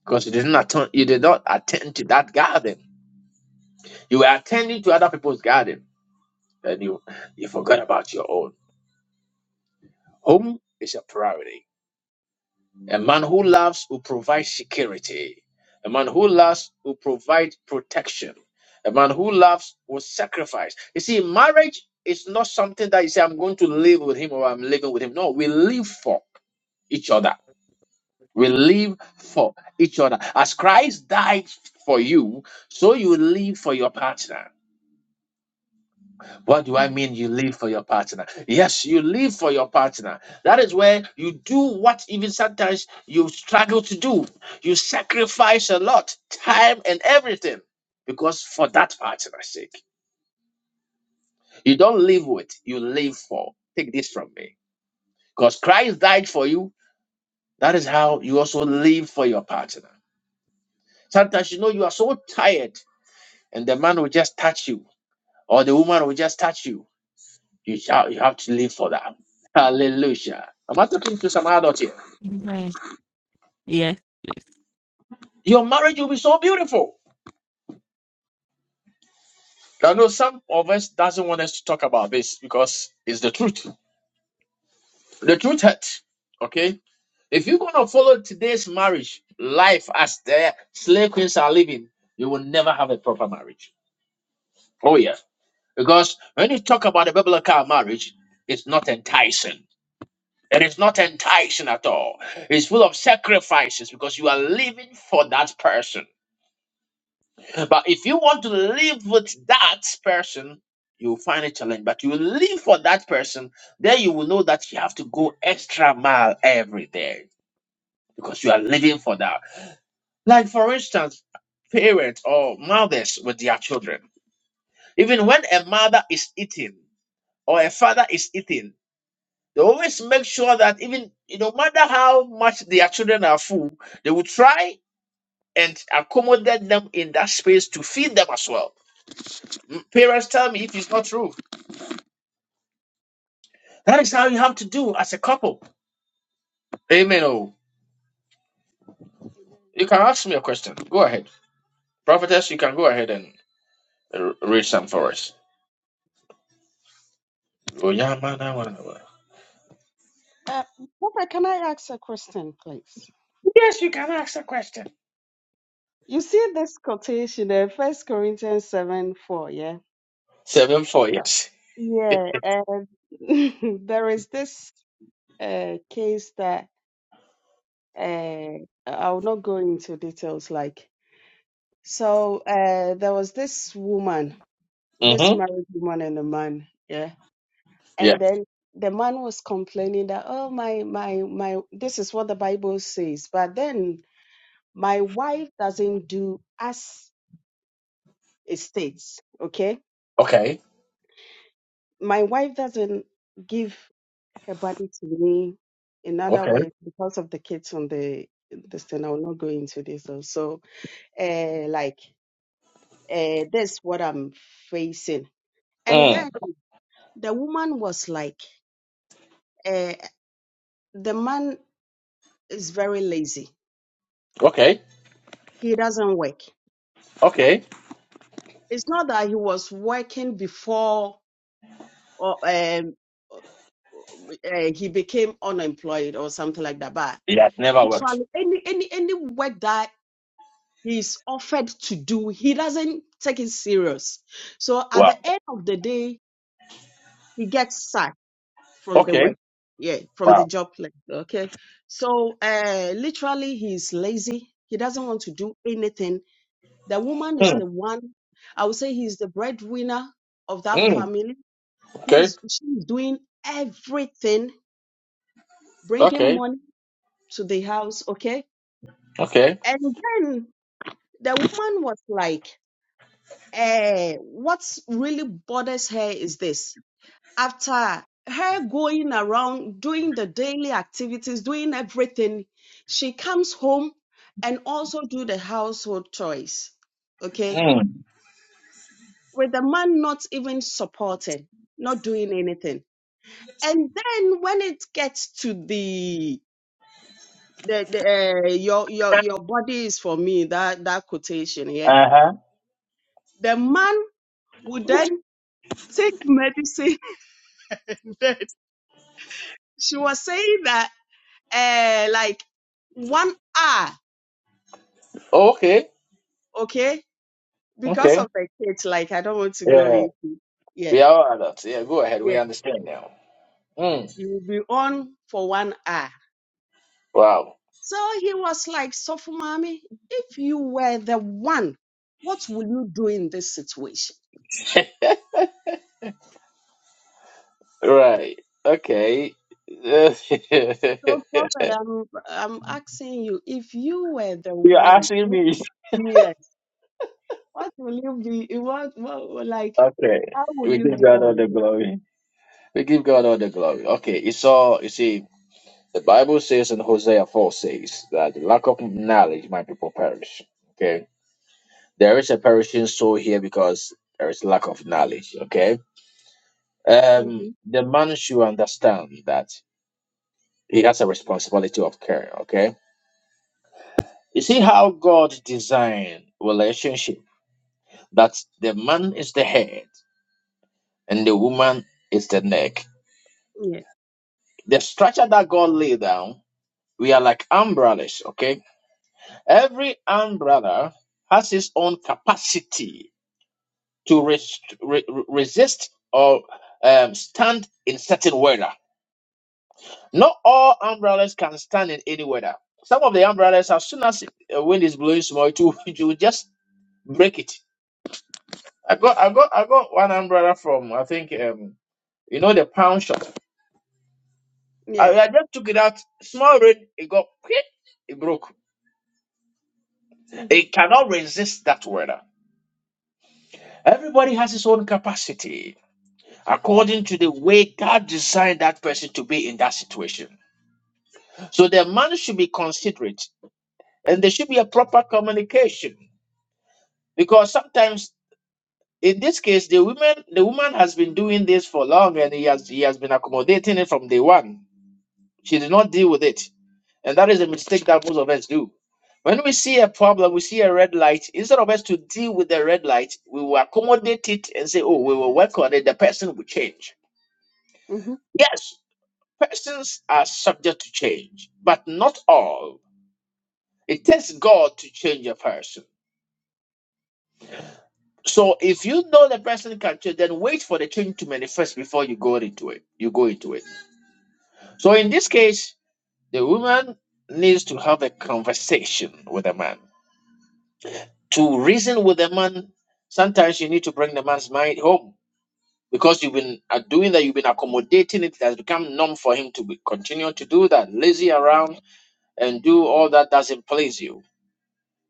because you didn't attend, you did not attend to that garden. You were attending to other people's garden, and you you forgot about your own. Home is a priority. A man who loves will provide security. A man who loves will provide protection. A man who loves will sacrifice. You see, marriage is not something that you say, I'm going to live with him or I'm living with him. No, we live for each other. We live for each other. As Christ died for you, so you live for your partner. What do I mean you live for your partner? Yes, you live for your partner. That is where you do what even sometimes you struggle to do. You sacrifice a lot, time and everything because for that partner's sake. You don't live with, you live for. Take this from me. Because Christ died for you. That is how you also live for your partner. Sometimes you know you are so tired and the man will just touch you or the woman will just touch you You shall you have to live for that. Hallelujah. i Am not talking to some adult here?
Amen. Yes, please.
Your marriage will be so beautiful. I know some of us doesn't want us to talk about this because it's the truth. The truth hurts. Okay? If you're gonna follow today's marriage life as the slave queens are living, you will never have a proper marriage. Oh yeah. Because when you talk about a biblical marriage, it's not enticing. It is not enticing at all. It's full of sacrifices because you are living for that person. But if you want to live with that person, you will find a challenge. But you will live for that person, then you will know that you have to go extra mile every day because you are living for that. Like for instance, parents or mothers with their children. Even when a mother is eating or a father is eating, they always make sure that even you know, no matter how much their children are full, they will try and accommodate them in that space to feed them as well. M- Parents tell me if it's not true. That is how you have to do as a couple. Amen. Oh, you can ask me a question. Go ahead, prophetess. You can go ahead and uh, read some for us. Oh, yeah, man, I wanna know.
uh, prophet can i ask a question please
Yes, you can ask a question.
you see this quotation in first corinthians 7 4 yeah
Seven four. Yes.
Yeah, um, there is this uh, case that uh, I will not go into details. Like, so uh, there was this woman, this
Mm-hmm.
married woman and a man, yeah,
Yeah.
and then the man was complaining that, oh my, my, my, this is what the Bible says, but then my wife doesn't do as it states, okay?
Okay.
my wife doesn't give her body to me in other
Okay.
ways because of the kids on the this thing. I will not go into this though. So uh like uh that's what I'm facing. And
Mm.
then the woman was like, uh the man is very lazy.
Okay.
He doesn't work.
Okay.
It's not that he was working before or um uh, he became unemployed or something like that, but
Yeah, it never worked.
literally any any any work that he's offered to do he doesn't take it serious so at
Wow.
the end of the day he gets sacked from the
Okay.
work yeah from the
Wow.
job place okay so uh literally he's lazy he doesn't want to do anything the woman is
Mm.
the one i would say he's the breadwinner of that
Mm.
family
Okay.
he's she's doing everything bringing
Okay.
money to the house okay
Okay.
and then the woman was like uh, what really bothers her is this after her going around doing the daily activities doing everything she comes home and also do the household chores okay
Mm.
with the man not even supporting not doing anything and then when it gets to the the, the uh, your your your body is for me that that quotation yeah
Uh huh.
the man would then take medicine then she was saying that uh like one hour
okay.
okay because
Okay.
of the kids like i don't want to go
Yeah.
into yeah
We are all adults. Yeah. Go ahead.
yeah
We understand now. Mm.
you will be on for one hour
Wow.
so he was like soft mommy if you were the one what will you do in this situation
Right. Okay.
so
You're
prophet i'm i'm asking you if you were the one
asking
what
me.
would- yes what will you be what, what like
Okay.
how will
We
you
give God
deal
all the
with
glory. We give God all the glory. Okay. It's all, you see, the Bible says in Hosea 4 says that the lack of knowledge, my people perish. Okay. There is a perishing soul here because there is lack of knowledge. Okay.
it
Um,
hmm
the man should understand that he has a responsibility of care. Okay. You see how God designed relationship. that the man is the head and the woman is the neck.
yeah
The structure that God laid down, we are like umbrellas, okay? Every umbrella has its own capacity to rest, re- resist or um, stand in certain weather. Not all umbrellas can stand in any weather. Some of the umbrellas, as soon as uh, wind is blowing small, it will, it will just break it. I got, I got, I got one umbrella from I think um, you know the pound shop.
yeah
I, I just took it out. Small rain, it got quick, it broke.
mm-hmm.
It cannot resist that weather. Everybody has his own capacity according to the way God designed that person to be in that situation. So the man should be considerate and there should be a proper communication because sometimes in this case the woman the woman has been doing this for long and he has he has been accommodating it from day one. She did not deal with it. And that is a mistake that most of us do. When we see a problem, we see a red light, instead of us to deal with the red light, we will accommodate it and say, oh, we will work on it, the person will change.
Mm-hmm.
Yes, persons are subject to change, but not all. It takes God to change a person. So if you know the person can change, then wait for the change to manifest before you go into it. You go into it. So in this case, the woman needs to have a conversation with the man to reason with a man, sometimes you need to bring the man's mind home because you've been uh, doing that, you've been accommodating it. It has become norm for him to be, continue to do that, lazy around and do all that doesn't please you.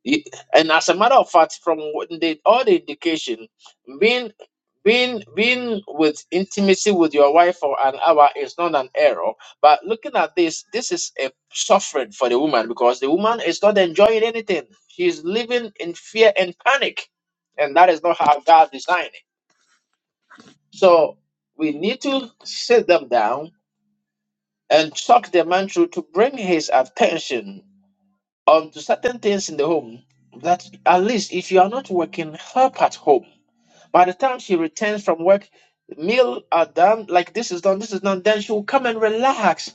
Ye- And as a matter of fact, from what the, all the indication, being being being with intimacy with your wife for an hour is not an error. But looking at this, this is a suffering for the woman because the woman is not enjoying anything. She's living in fear and panic, and that is not how God designed it. So we need to sit them down and talk the man through to bring his attention onto certain things in the home that at least if you are not working, help at home. By the time she returns from work, meal are done, like this is done, this is done, then she will come and relax.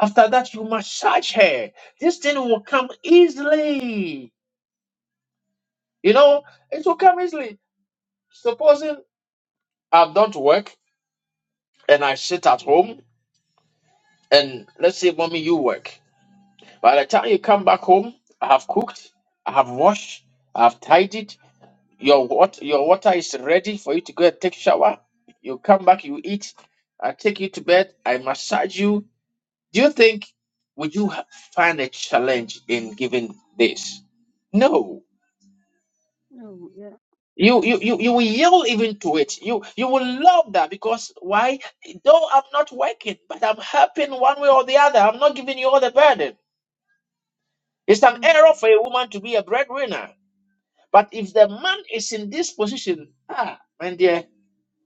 After that, you massage her. This thing will come easily. You know, it will come easily. Supposing I've done to work and I sit at home, and let's say, mommy, you work. By the time you come back home, I have cooked, I have washed, I have tidied, Your what your water is ready for you to go and take shower. You come back, you eat, I take you to bed, I massage you. Do you think would you ha- find a challenge in giving this? No.
Oh, yeah.
You, you you you will yield even to it. You you will love that because why? Though I'm not working, but I'm helping one way or the other. I'm not giving you all the burden. It's an
Mhm.
error for a woman to be a breadwinner. But if the man is in this position, ah, man dear.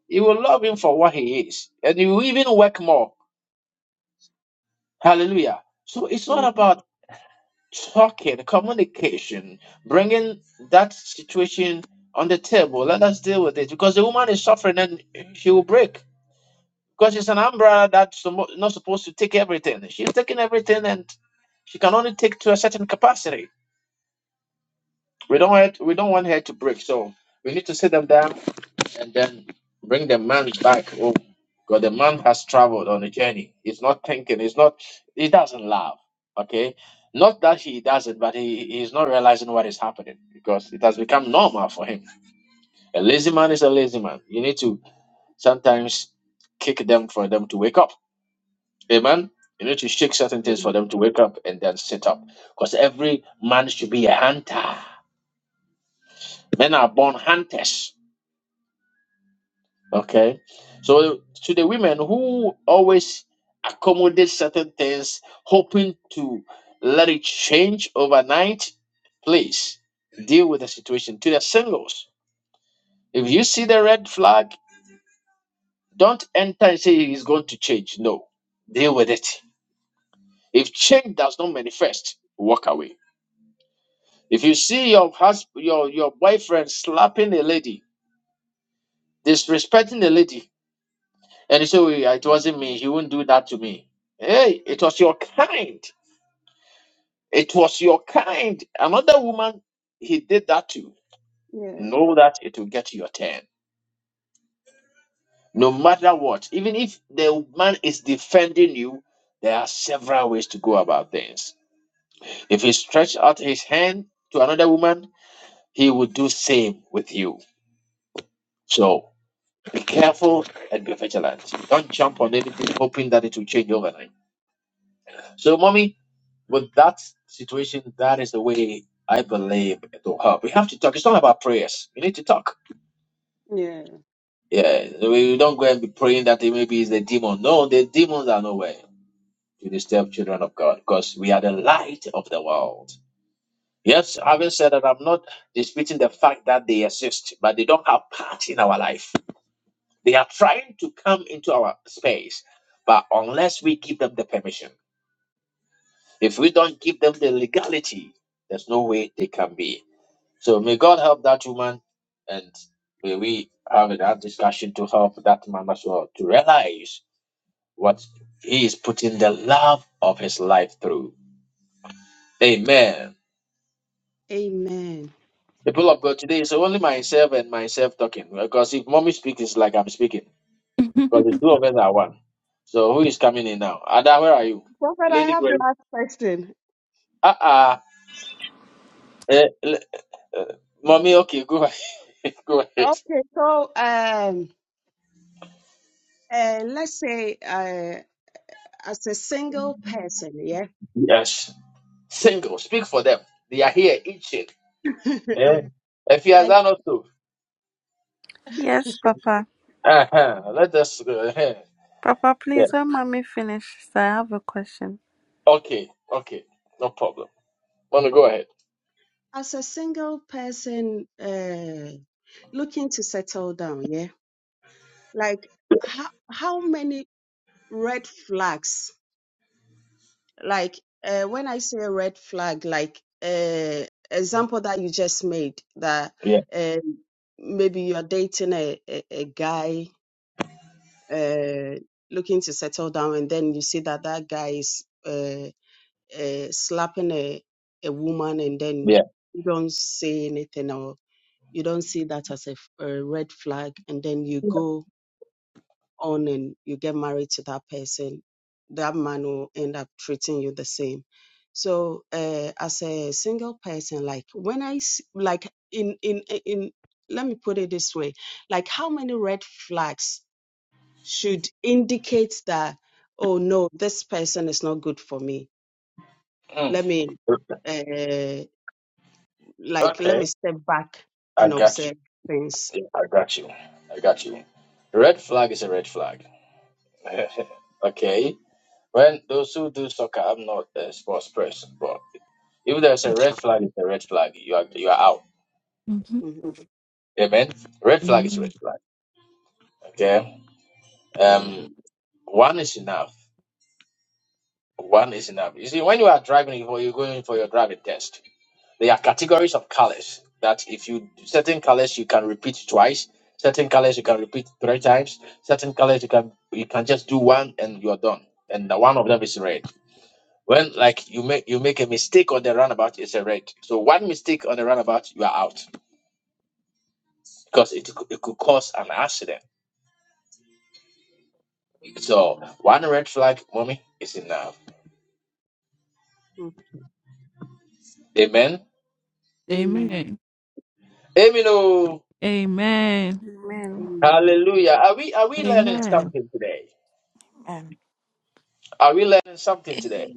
You will love him for what he is, and you will even work more. Hallelujah. So it's all about talking, communication, bringing that situation on the table. Let us deal with it because the woman is suffering and she will break because she's an umbrella that's suppo- not supposed to take everything. She's taking everything and she can only take to a certain capacity. We don't want, we don't want her to break, so we need to sit them down and then bring the man back home because the man has traveled on a journey. He's not thinking. He's not. He doesn't laugh. Okay, not that he doesn't, but he he's not realizing what is happening because it has become normal for him. A lazy man is a lazy man. You need to sometimes kick them for them to wake up. Amen. You need to shake certain things
Amen.
for them to wake up and then sit up. Because every man should be a hunter. Men are born hunters. Okay. So to the women who always accommodate certain things, hoping to let it change overnight, please deal with the situation. To the singles, if you see the red flag, don't enter and say it's going to change. No, deal with it. If change does not manifest, walk away. If you see your husband, your your boyfriend slapping a lady, disrespecting a lady, And he said, "Oh, yeah, It wasn't me. He wouldn't do that to me. Hey, it was your kind. It was your kind. Another woman he did that to.
Yeah.
Know that it will get your turn. No matter what. Even if the man is defending you, there are several ways to go about things. If he stretched out his hand to another woman, he will do same with you. So be careful and be vigilant. Don't jump on anything hoping that it will change overnight. So, mommy, with that situation, that is the way I believe it will help. We have to talk. It's not about prayers. We need to talk.
Yeah.
Yeah, we don't go and be praying that it maybe it's the demon. No, the demons are nowhere to disturb children of God because we are the light of the world. Yes, having said that, I'm not disputing the fact that they exist, but they don't have part in our life. They are trying to come into our space, but unless we give them the permission, if we don't give them the legality, there's no way they can be. So may God help that woman, and may we have that discussion to help that man as well to realize what he is putting the love of his life through. Amen.
Amen.
People of God, today is only myself and myself talking because if mommy speaks, it's like I'm speaking because the two of us are one. So who is coming in now? Ada, where are you,
Prophet, I
Lady
have the
Grace?
last question.
Uh uh Eh, le- uh, mommy. Okay, go ahead. go ahead.
Okay, so um, uh, let's say uh, as a single person, yeah,
Yes, single. Speak for them. They are here itching. Eh?
like
Efiazan also.
Yes, Papa.
Uh-huh. Let us. Uh,
Papa,
yeah.
please, when mommy finishes, I have a question.
Okay. Okay. No problem. Want to go ahead?
as a single person uh, looking to settle down, yeah, like how how many red flags like uh, when I say red flag, like uh, example that you just made, that
Yeah.
um maybe you are dating a a, a guy uh, looking to settle down, and then you see that that guy is uh, uh, slapping a a woman, and then
Yeah.
you don't say anything or you don't see that as a, f- a red flag, and then you go on and you get married to that person, that man will end up treating you the same. So uh, as a single person, like when I s- like in in in let me put it this way, like how many red flags should indicate that oh no, this person is not good for me.
Mm.
Let me uh, like let
Okay.
me step back
I
and
got you.
observe things.
Yeah, I got you. I got you. Red flag is a red flag. okay. When those who do soccer, I'm not a sports person, but if there's a red flag, it's a red flag. You are you are out.
Mhm.
Amen. Red flag is
Mhm.
red flag. Okay.
Yeah.
Um. One is enough. One is enough. You see, when you are driving, or you're going for your driving test, there are categories of colors that if you certain colors you can repeat twice, certain colors you can repeat three times, certain colors you can you can just do one and you're done. And the one of them is red. When like you make you make a mistake on the runabout, it's a red. So one mistake on the runabout, you are out because it could- it could cause an accident. So one red flag, mommy, is enough.
Okay.
Amen.
Amen.
Amen.
Amen. oh.
Amen.
Amen.
Amen.
Hallelujah. Are we are we learning
Amen.
something today? Are we learning something today?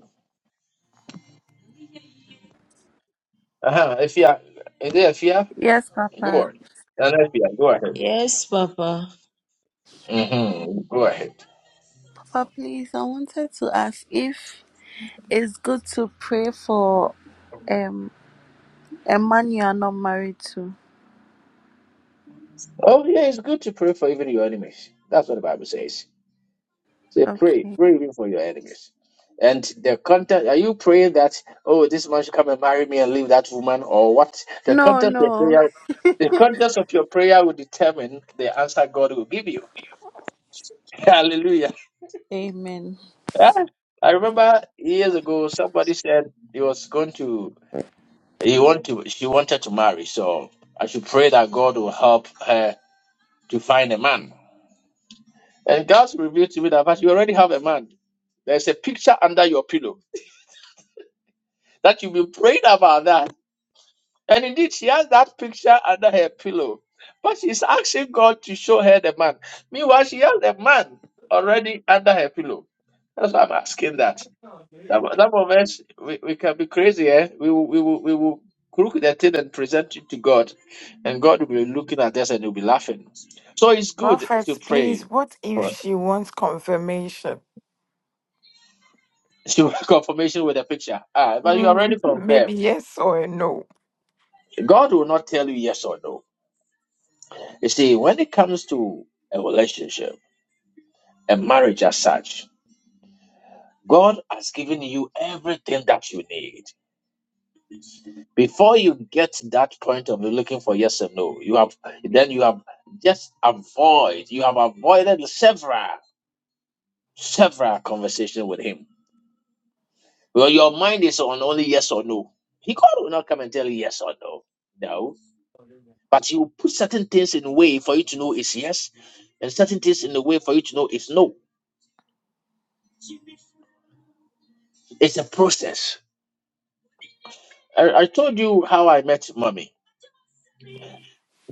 Uh-huh. If you are, is there a fear?
Yes,
Go
Papa.
on. And if you are, go ahead.
Yes, Papa.
hmm Go ahead.
Papa, please, I wanted to ask if it's good to pray for um a man you are not married to.
Oh yeah, it's good to pray for even your enemies. That's what the Bible says. Say pray,
Okay.
pray even for your enemies. And the content are you praying that oh this man should come and marry me and leave that woman or what? The
No,
content of your
no.
prayer the content of your prayer will determine the answer God will give you. Hallelujah.
Amen.
Yeah, I remember years ago somebody said he was going to he want to she wanted to marry, so I should pray that God will help her to find a man. And God revealed to me that "But you already have a man. There's a picture under your pillow that you've been praying about that. And indeed she has that picture under her pillow. But she's asking God to show her the man. Meanwhile, she has a man already under her pillow. That's why I'm asking that. That, mo- that moment, we, we can be crazy, eh? We will, we will, we will crook the thing and present it to God, and God will be looking at us and he'll be laughing. So it's good to
Prophets,
pray
please, what if
for
she wants confirmation?
confirmation with a picture. Ah, but you
Mm,
already confirmed.
maybe yes or a no.
God will not tell you yes or no. You see, when it comes to a relationship, a marriage as such, God has given you everything that you need. Before you get to that point of looking for yes and no, you have then you have just avoid, you have avoided several, several conversations with him. Well, your mind is on only yes or no. He God will not come and tell you yes or no. No. But he will put certain things in a way for you to know it's yes, and certain things in a way for you to know it's no. It's a process. I, I told you how I met mommy.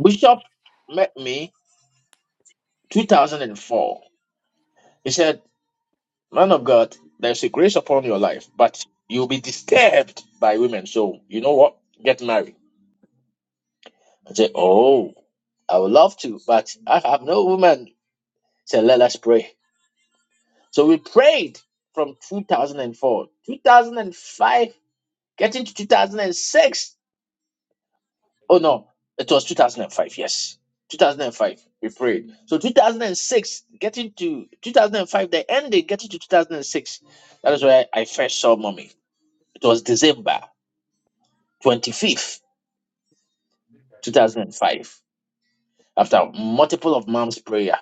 Bishop met me 2004. He said, man of God, there's a grace upon your life, but you'll be disturbed by women. So you know what? Get married. I said, oh, I would love to, but I have no woman. I Said, let us pray. So we prayed from 2004, 2005, getting to 2006. Oh no, it was 2005. Yes, 2005. We prayed. So 2006, getting to 2005, the ending, getting to 2006. That is where I first saw mommy. It was December. 25th, 2005, after multiple of mom's prayer.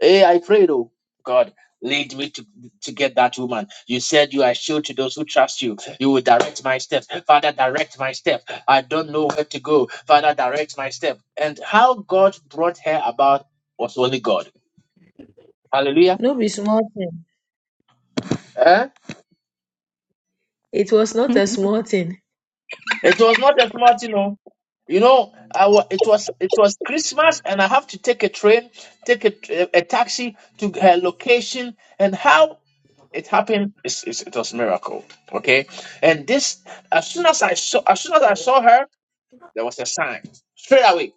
Hey, I prayed, oh God, lead me to, to get that woman. You said you are sure to those who trust you. You will direct my steps. Father, direct my step. I don't know where to go. Father, direct my step. And how God brought her about was only God. Hallelujah.
No be small thing.
Eh?
It was not a small thing.
It was not that much, you know. You know, I wa- it was it was Christmas, and I have to take a train, take a, tr- a taxi to her location, and how it happened is is- it was miracle. Okay, and this as soon as I saw as soon as I saw her, there was a sign straight away.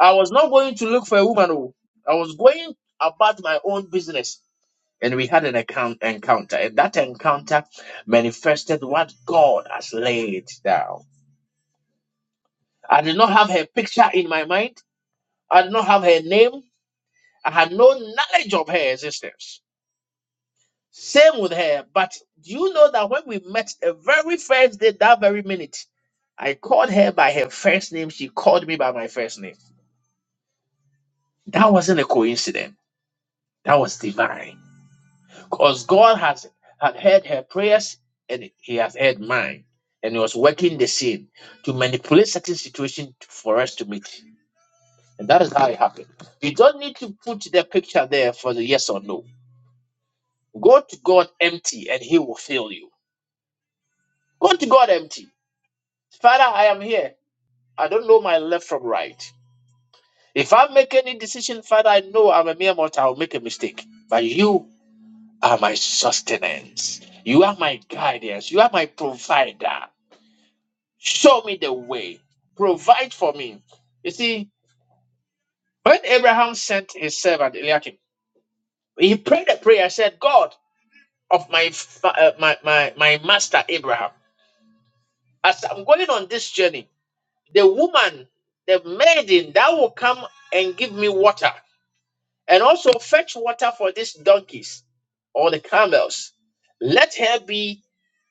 I was not going to look for a woman. oh. I was going about my own business, and we had an account encounter, and that encounter manifested what God has laid down. I did not have her picture in my mind. I did not have her name. I had no knowledge of her existence. Same with her. But do you know that when we met the very first day, that very minute, I called her by her first name. She called me by my first name. That wasn't a coincidence. That was divine. Because God has had heard her prayers and He has heard mine. And He was working the scene to manipulate certain situation for us to meet. And that is how it happened. You don't need to put the picture there for the yes or no. Go to God empty and he will fill you. Go to God empty. Father, I am here. I don't know my left from right. If I make any decision, Father, I know I'm a mere mortal. I'll make a mistake. But you are my sustenance. You are my guidance. You are my provider. Show me the way. Provide for me. You see, when Abraham sent his servant Eliakim, he prayed a prayer, said, God, of my fa- uh, my, my my master Abraham. As I'm going on this journey, the woman, the maiden that will come and give me water, and also fetch water for these donkeys or the camels. Let her be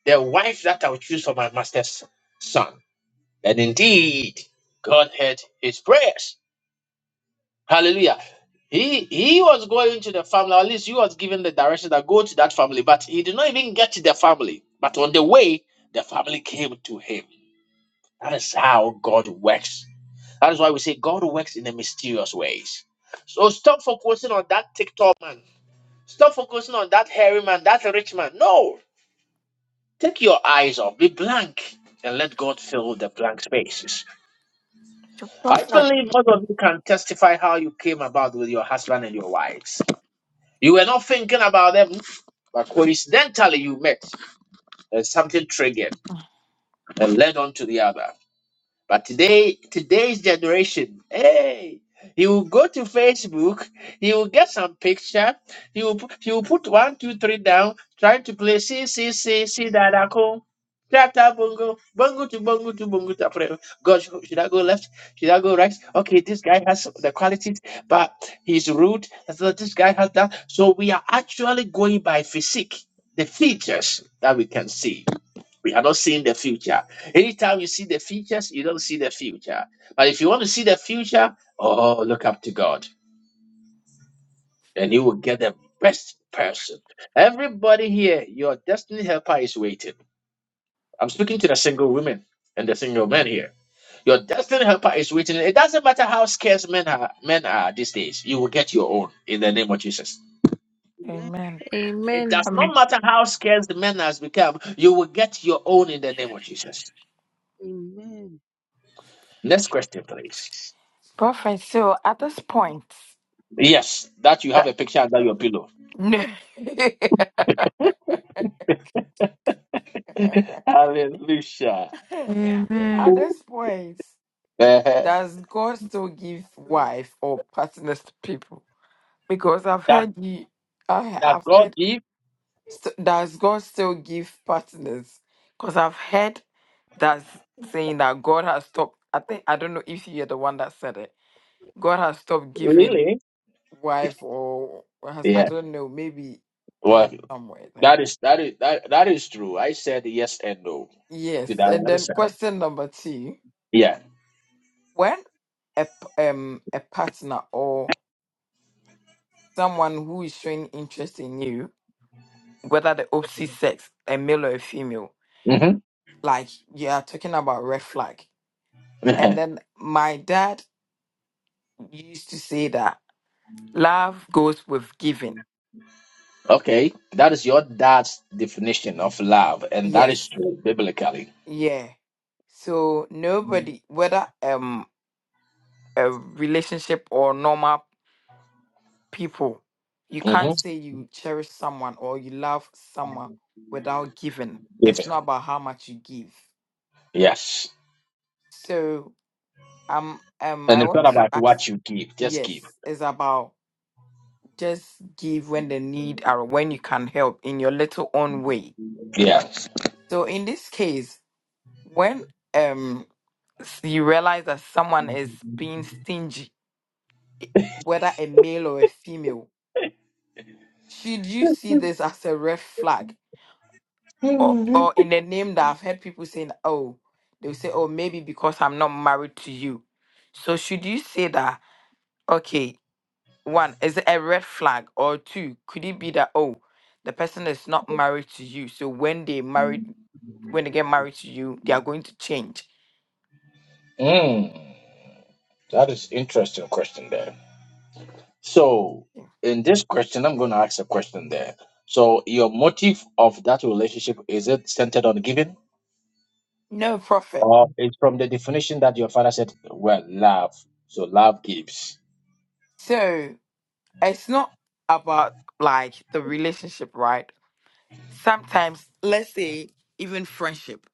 the wife that I'll choose for my master's son. And indeed, God heard his prayers. Hallelujah. He he was going to the family, or at least he was given the direction that go to that family, but he did not even get to the family. But on the way, the family came to him. That is how God works. That is why we say God works in the mysterious ways. So stop focusing on that TikTok man. Stop focusing on that hairy man, that rich man. No. Take your eyes off, be blank, and let God fill the blank spaces.
To
I
prophet.
believe most of you can testify how you came about with your husband and your wife. You were not thinking about them, but coincidentally you met and something triggered and led on to the other. But today, today's generation, hey, he will go to Facebook, he will get some picture, he will pu- he will put one, two, three down, trying to play see see see see that I call. Tata bongo, bongo to bongo to bongo to Afre- God, sh- should I go left? Should I go right? Okay, this guy has the qualities, but he's rude. And So this guy has that. So we are actually going by physique, the features that we can see. We are not seeing the future. Anytime you see the features, you don't see the future. But if you want to see the future, oh, look up to God and you will get the best person. Everybody here, your destiny helper is waiting. I'm speaking to the single women and the single men here. Your destiny helper is waiting. It doesn't matter how scarce men are, men are these days, you will get your own in the name of Jesus.
Amen.
It
Amen.
does not
Um,
matter how scarce the men has become, you will get your own in the name of Jesus.
Amen.
Next question, please.
prophet, so at this point,
Yes, that you
the-
have a picture under your pillow. Hallelujah.
at
Amen.
this point,
Uh-huh.
does God still give wife or partners to people? Because I've
That
heard you, I,
that
I've
God
heard
give
St- does God still give partners? Because I've heard that's saying that God has stopped. I think I don't know if you're the one that said it. God has stopped giving
really?
wife or or has I
Yeah.
don't know. Maybe I
Well,
had somewhere there.
that is that is that, that is true. I said yes and no to
Yes,
that
and then
answer.
question number two:
Yeah.
When a p- um a partner or someone who is showing interest in you, whether the opposite sex, a male or a female,
hmm
like you are talking about red flag, and then my dad you used to say that love goes with giving.
okay, that is your dad's definition of love, and that is
Yes.
true biblically.
Yeah. So nobody, whether um a relationship or normal people, you
hmm
can't say you cherish someone or you love someone without giving. It's not
Given.
about how much you give.
Yes.
So um um
And
I
it's
want
not
to
about
ask
what you give, just give.
yes, it's about just give when the need or when you can help in your little own way.
Yeah.
So in this case, When um s- you realize that someone is being stingy, whether a male or a female, should you see this as a red flag? Or or in the name that I've heard people saying, oh, they'll say, oh, maybe because I'm not married to you. So should you say that, okay, one, is it a red flag? Or two, could it be that, oh, the person is not married to you. So when they married when they get married to you, they are going to change.
Mm, that is interesting question there. So, in this question, I'm going to ask a question there. So, your motive of that relationship is it centered on giving,
No profit.
or it's from the definition that your father said? Well, love. So, love gives.
So it's not about like the relationship, right? Sometimes, let's say, even friendship,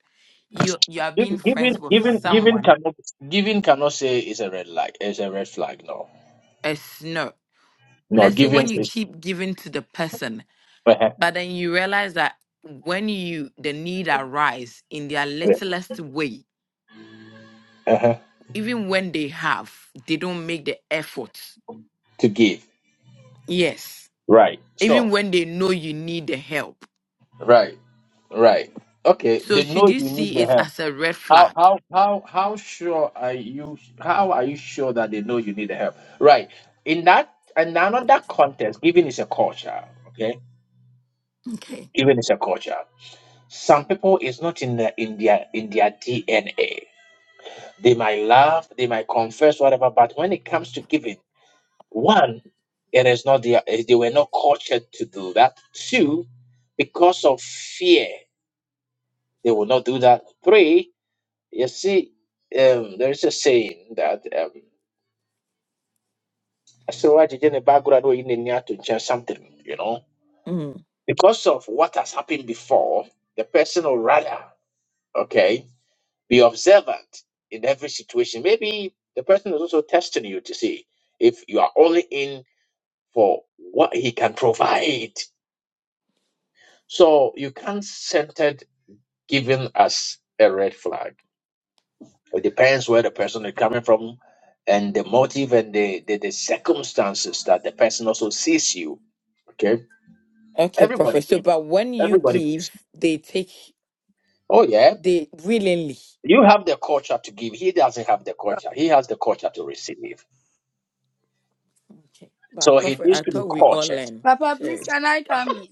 you you are being
Giv- Giving,
friends with
giving, giving
someone,
cannot, giving cannot say it's a red flag. It's a red flag. No,
a snow.
no,
Let's say
giving
when you
is
keep giving to the person,
uh
but then you realize that when you the need arise in their littlest way, even when they have, they don't make the effort.
to give.
Yes,
Right.
even
So,
when they know you need the help.
right, right. Okay.
So
They know
should you
you need
see
the
it
help.
as a red
How
flag?
how how how sure are you? How are you sure that they know you need the help? Right. In that in another context, giving is a culture. Okay,
Okay.
giving is a culture. Some people is not in the, in their in their DNA. They might laugh, they might confess, whatever. But when it comes to giving, one, it is not their. eh, They were not cultured to do that. Two, because of fear, they will not do that. Three, you see, um, there is a saying that. Um, So I did in the background or in the near to change something, you know.
Mhm.
Because of what has happened before, the person will rather, okay, be observant in every situation. Maybe the person is also testing you to see if you are only in for what he can provide. So you can't send it given as a red flag. It depends where the person is coming from and the motive and the, the, the circumstances that the person also sees you. Okay.
Okay, prophet.
Everybody
So, but when you
Everybody
give,
gives.
they take
Oh yeah.
they willingly.
You have the culture to give. He doesn't have the culture. He has the culture to receive.
Okay. But
So he
prophet,
needs
I
to be
thought we all
cultured.
learn.
Papa, please,
Sorry.
can I come in?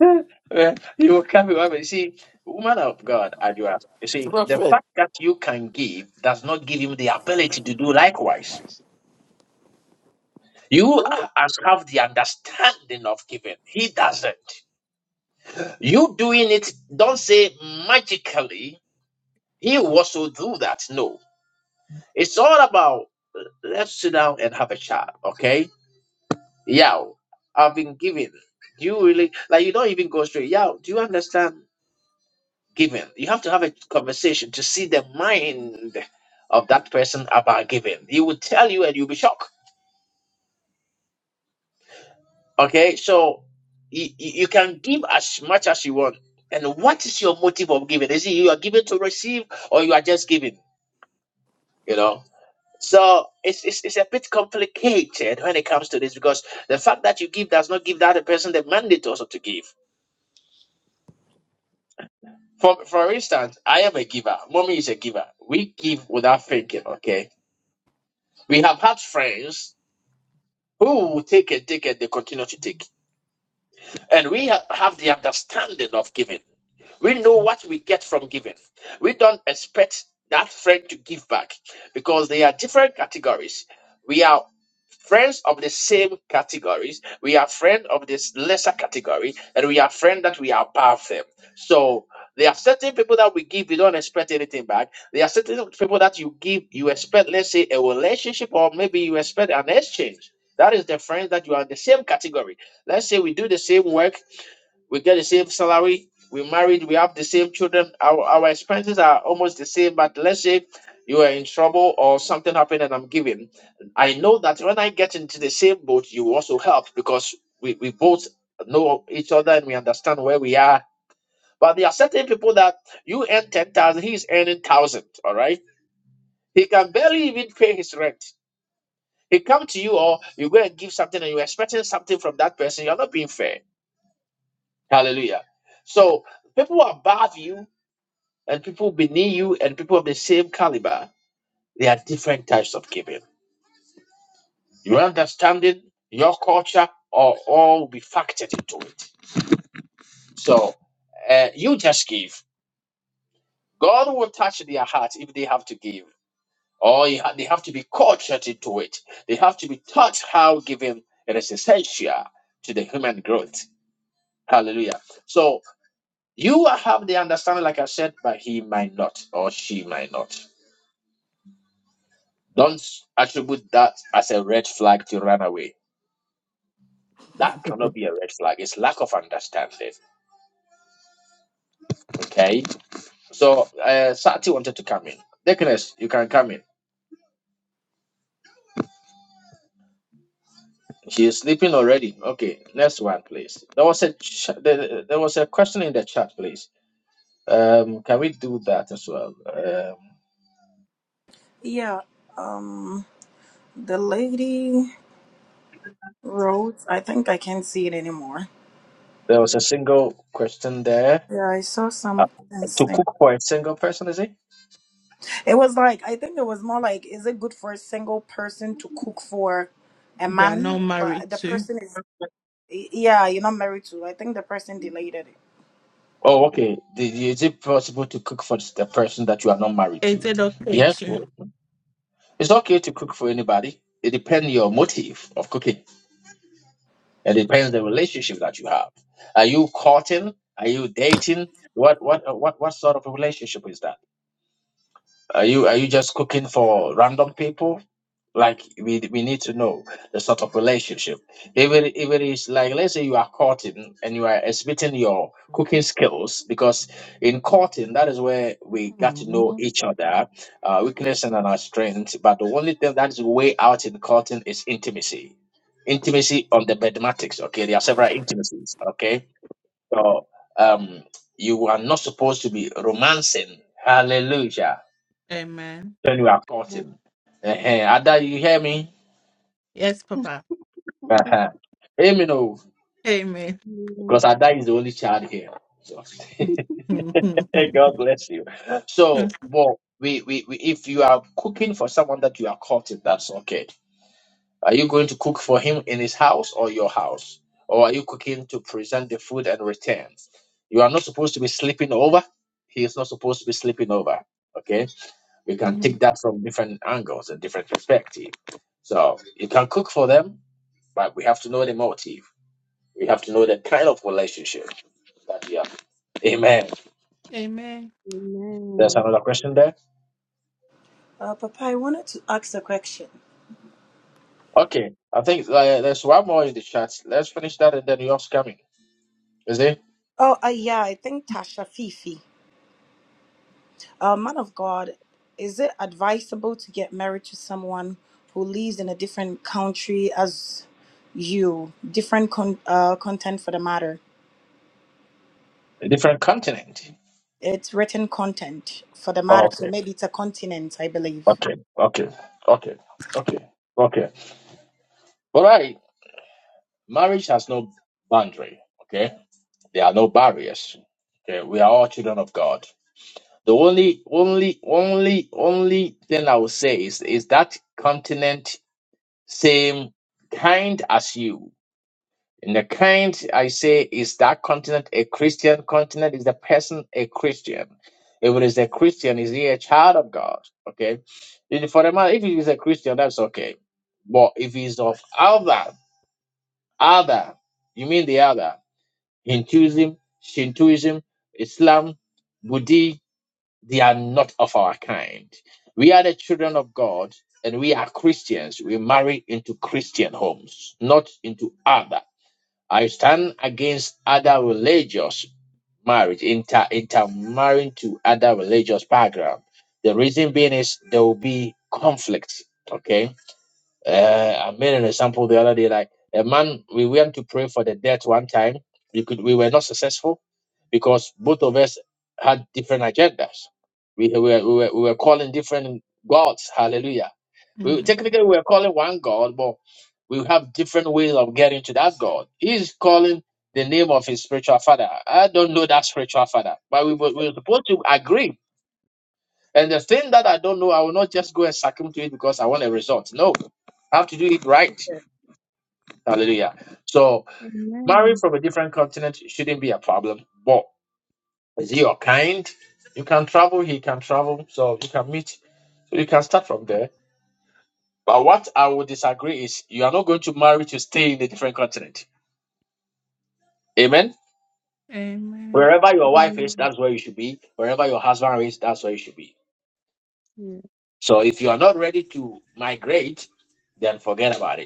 Eh, you can be you see, woman of God, as you are you see, the
Prophet.
fact that you can give does not give him the ability to do likewise. You
you-
as have the understanding of giving. He doesn't. You doing it, don't say magically, he will also do that. No. It's all about let's sit down and have a chat, okay? Yeah, I've been giving. Do you really like you don't even go straight? Yeah, do you understand giving? You have to have a conversation to see the mind of that person about giving. He will tell you and you'll be shocked. Okay, so you, you can give as much as you want. And what is your motive of giving? Is it you are giving to receive or you are just giving? You know? So it's, it's it's a bit complicated when it comes to this because the fact that you give does not give the other person the mandate also to give. For for instance, I am a giver. Mommy is a giver. We give without thinking, okay? We have had friends who will take and take and they continue to take. And we ha- have the understanding of giving. We know what we get from giving. We don't expect that friend to give back because they are different categories. We are friends of the same categories. We are friends of this lesser category, and we are friends that we are above them. So there are certain people that we give, we don't expect anything back. There are certain people that you give, you expect, let's say, a relationship, or maybe you expect an exchange. That is the friends that you are in the same category. Let's say we do the same work we get the same salary, we married, we have the same children, our, our expenses are almost the same, but let's say you are in trouble or something happened and I'm giving. I know that when I get into the same boat, you also help because we, we both know each other and we understand where we are. But there are certain people that you earn 10,000, he's earning 1,000, all right? He can barely even pay his rent. He come to you or you go and give something and you're expecting something from that person. You're not being fair. Hallelujah. So people above you and people beneath you and people of the same caliber, there are different types of giving. Your understanding, your culture, or all will be factored into it. So uh, you just give. God will touch their hearts if they have to give, or you ha- they have to be cultured into it. They have to be taught how giving it is essential to the human growth. Hallelujah. So you have the understanding, like I said, but he might not, or she might not. Don't attribute that as a red flag to run away. That cannot be a red flag. It's lack of understanding. Okay. So uh, Sati wanted to come in. Deaconess, you can come in. She is sleeping already. Okay. Next one, please. There was a ch- there, there was a question in the chat, please. Um, can we do that as well? Um,
Yeah, um, the lady wrote, I think I can't see it anymore.
there was a single question there.
Yeah, I saw
Uh,
some
to
something.
cook for a single person, is it?
It was like, I think it was more like, is it good for a single person to cook for a
They are not
man?
married
But the
too.
person is, y- yeah, you're not married to. I think the person deleted it.
Oh, okay. Did- Is it possible to cook for the person that you are not married
Is
to?
it okay
Yes.
too?
It's okay to cook for anybody. It depends your motive of cooking. It depends the relationship that you have. Are you courting? Are you dating? What what uh, what what sort of a relationship is that? Are you are you just cooking for random people? like we we need to know the sort of relationship if it, if it is like let's say you are courting and you are exhibiting your cooking skills because in courting that is where we got to know
Amen.
each other uh weakness and our strength but the only thing that is way out in courting is intimacy intimacy on the mathematics okay there are several intimacies okay so um you are not supposed to be romancing hallelujah
Amen.
when you are
Amen.
courting uh-huh. Ada, you hear me
Yes, Papa.
Amen.
Uh-huh. Amen. oh,
Amen.
Because Ada is the only child here. So hey,
Amen.
God bless you. So, well, we, we, we if you are cooking for someone that you are courting, that's okay. Are you going to cook for him in his house or your house? Or are you cooking to present the food and return? You are not supposed to be sleeping over. He is not supposed to be sleeping over. Okay? We can take that from different angles and different perspective. So you can cook for them, but we have to know the motive. We have to know the kind of relationship that we have. Amen.
Amen.
There's
Amen.
another question there.
Uh, Papa, I wanted to ask a question.
Okay, I think uh, there's one more in the chat. Let's finish that and then yours coming. Is it
Oh, uh, yeah, I think Tasha Fifi. uh, man of God, is it advisable to get married to someone who lives in a different country as you? Different con- uh, content for the matter.
a different continent?
It's written content for the matter, so
Okay,
maybe it's a continent, I believe.
okay, okay, okay, okay, okay. All right, marriage has no boundary. Okay, there are no barriers. Okay, we are all children of God. The only, only, only, only thing I would say is is that continent same kind as you. And the kind I say is that continent a Christian continent? Is the person a Christian? If it is a Christian, is he a child of God? Okay. And For the man, if he is a Christian, that's okay. But if he's of other, other, you mean the other, Hinduism, Shintoism, Islam, Buddhism, they are not of our kind. We are the children of God and we are Christians. We marry into Christian homes, not into other. I stand against other religious marriage, inter intermarrying to other religious background. The reason being is there will be conflict. Okay uh, I made an example the other day, like a man, we went to pray for the death one time. We could, we were not successful because both of us had different agendas. We, we, were, we, were, we were calling different gods. Hallelujah. We technically we were calling one God, but we have different ways of getting to that God. He's calling the name of his spiritual father. I don't know that spiritual father, but we were, we were supposed to agree and the thing that I don't know, I will not just go and succumb to it because I want a result. No, I have to do it right.
Yes.
Hallelujah. So marrying
Amen.
from a different continent shouldn't be a problem. But is he your kind? You can travel, he can travel, so you can meet, so you can start from there. But what I would disagree is you are not going to marry to stay in a different continent. Amen.
Amen. Amen.
Wherever your wife is,
Amen.
that's where you should be. Wherever your husband is, that's where you should be.
Yeah.
So if you are not ready to migrate, then forget about it.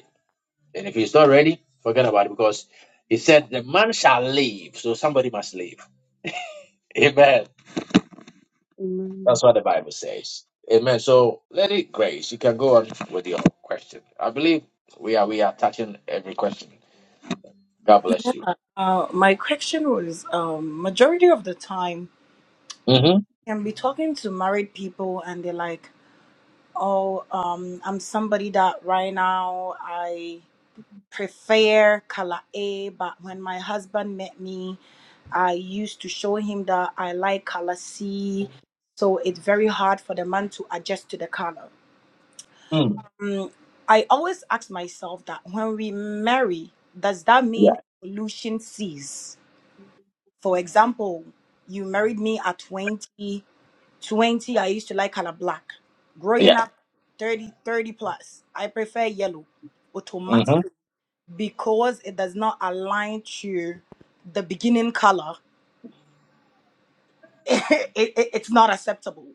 And if he's not ready, forget about it because he said the man shall live. So somebody must live. Amen.
Amen.
That's what the Bible says. Amen. So Lady Grace, you can go on with your question. I believe we are we are touching every question. God bless you.
Uh, my question was um, majority of the time, I can be talking to married people and they're like, oh, um, I'm somebody that right now I. prefer Kala'e, but when my husband met me, I used to show him that I like color C, so it's very hard for the man to adjust to the color.
Mm-hmm.
Mm, I always ask myself that when we marry, does that mean
Yeah.
evolution cease? For example, you married me at 20, 20, I used to like color black. Growing
Yeah.
up 30, 30 plus, I prefer yellow.
Mm-hmm.
Automatically, because it does not align to the beginning color, it, it- it's not acceptable.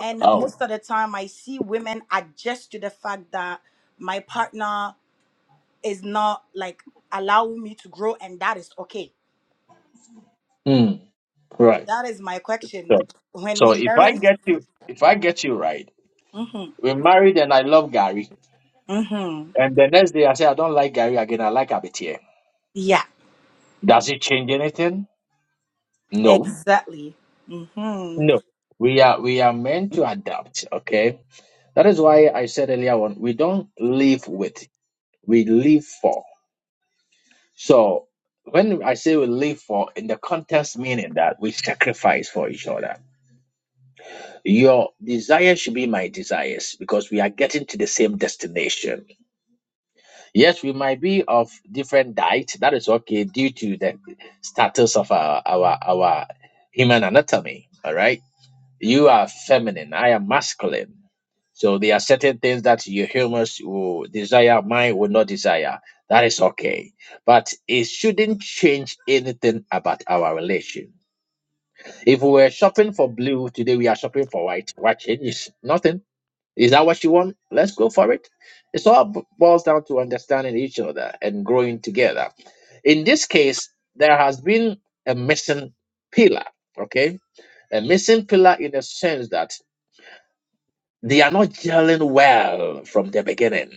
And
Oh.
most of the time, I see women adjust to the fact that my partner is not like allowing me to grow, and that is okay.
Mm. Right.
That is my question.
So
When
so
we
if I
marry,
get you if I get you right,
mm-hmm,
we're married and I love Gary.
mm-hmm,
And the next day I say I don't like Gary again, I like Abitir.
yeah,
Does it change anything? No
exactly. Mm-hmm.
No, we are we are meant to adapt. Okay, that is why I said earlier on we don't live with, we live for. So when I say we live for, in the context meaning that we sacrifice for each other. Your desire should be my desires because we are getting to the same destination. Yes, we might be of different diet. That is okay due to the status of our our our human anatomy. All right You are feminine. I am masculine. So there are certain things that your humans will desire, mine will not desire. That is okay. But it shouldn't change anything about our relation. If we were shopping for blue today, we are shopping for white. What changes? Nothing. Is that what you want? Let's go for it. It's all b- boils down to understanding each other and growing together. In this case, there has been a missing pillar, okay? A missing pillar in the sense that they are not gelling well from the beginning.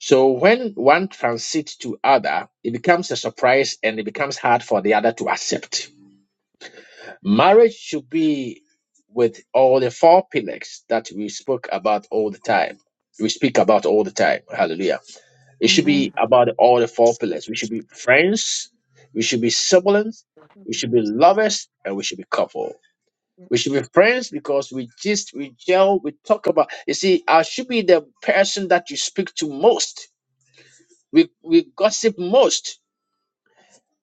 So when one transits to other, it becomes a surprise and it becomes hard for the other to accept. Marriage should be with all the four pillars that we spoke about all the time. We speak about all the time. Hallelujah. It should be about all the four pillars. We should be friends, we should be siblings, we should be
Amen.
lovers, and we should be couple. We should be friends because we just we gel, we talk about. You see, I should be the person that you speak to most. We we gossip most.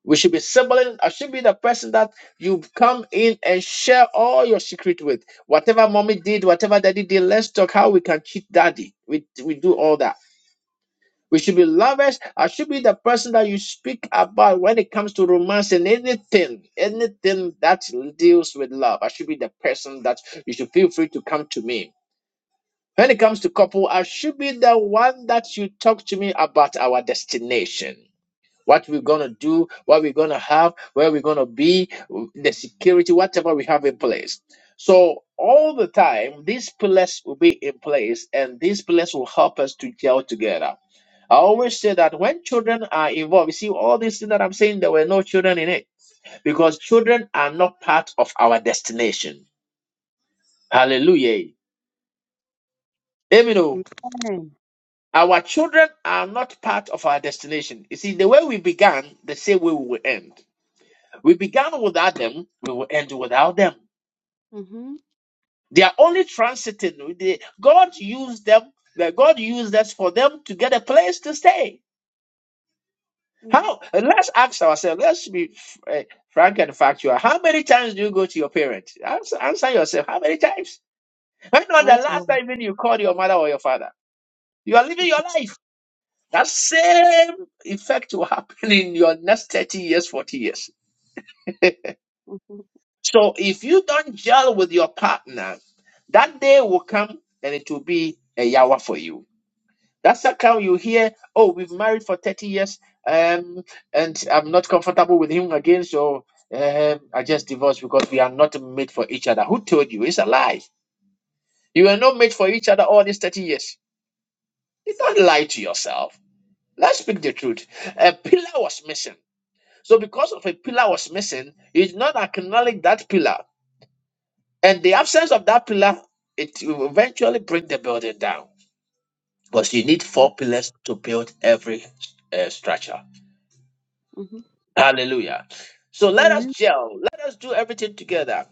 We should be sibling. I should be the person that you come in and share all your secret with. Whatever mommy did, whatever daddy did, let's talk how we can cheat daddy. We we do all that. We should be lovers. I should be the person that you speak about when it comes to romance and anything, anything that deals with love. I should be the person that you should feel free to come to me When it comes to couple, I should be the one that you talk to me about our destination. What we're gonna do, what we're gonna have, where we're gonna be, the security, whatever we have in place. So all the time, these pillars will be in place, and these pillars will help us to gel together. I always say that when children are involved, you see all these things that I'm saying, there were no children in it because children are not part of our destination. Hallelujah. Amen. oh. Our children are not part of our destination. You see, the way we began, the same way we will end. We began without them, we will end without them.
Mm-hmm.
They are only transiting. They- God used them, that God used us for them to get a place to stay.
Yeah.
How? Let's ask ourselves, let's be uh, frank and factual. How many times do you go to your parents? Answer, answer yourself. How many times? When was the
Once
last
more.
time even you called your mother or your father? You are living your life. That same effect will happen in your next 30 years, 40 years.
Mm-hmm.
So if you don't gel with your partner, that day will come and it will be a yawa for you. That's how come you hear, oh, we've married for 30 years um, and I'm not comfortable with him again, so um, I just divorced because we are not made for each other. Who told you? It's a lie. You were not made for each other all these 30 years. You don't lie to yourself. Let's speak the truth. A pillar was missing So, because of a pillar was missing, he did not acknowledge that pillar. And the absence of that pillar, it will eventually bring the building down. Because you need four pillars to build every uh, structure.
Mm-hmm.
Hallelujah. So, let us
Amen.
gel, let us do everything together.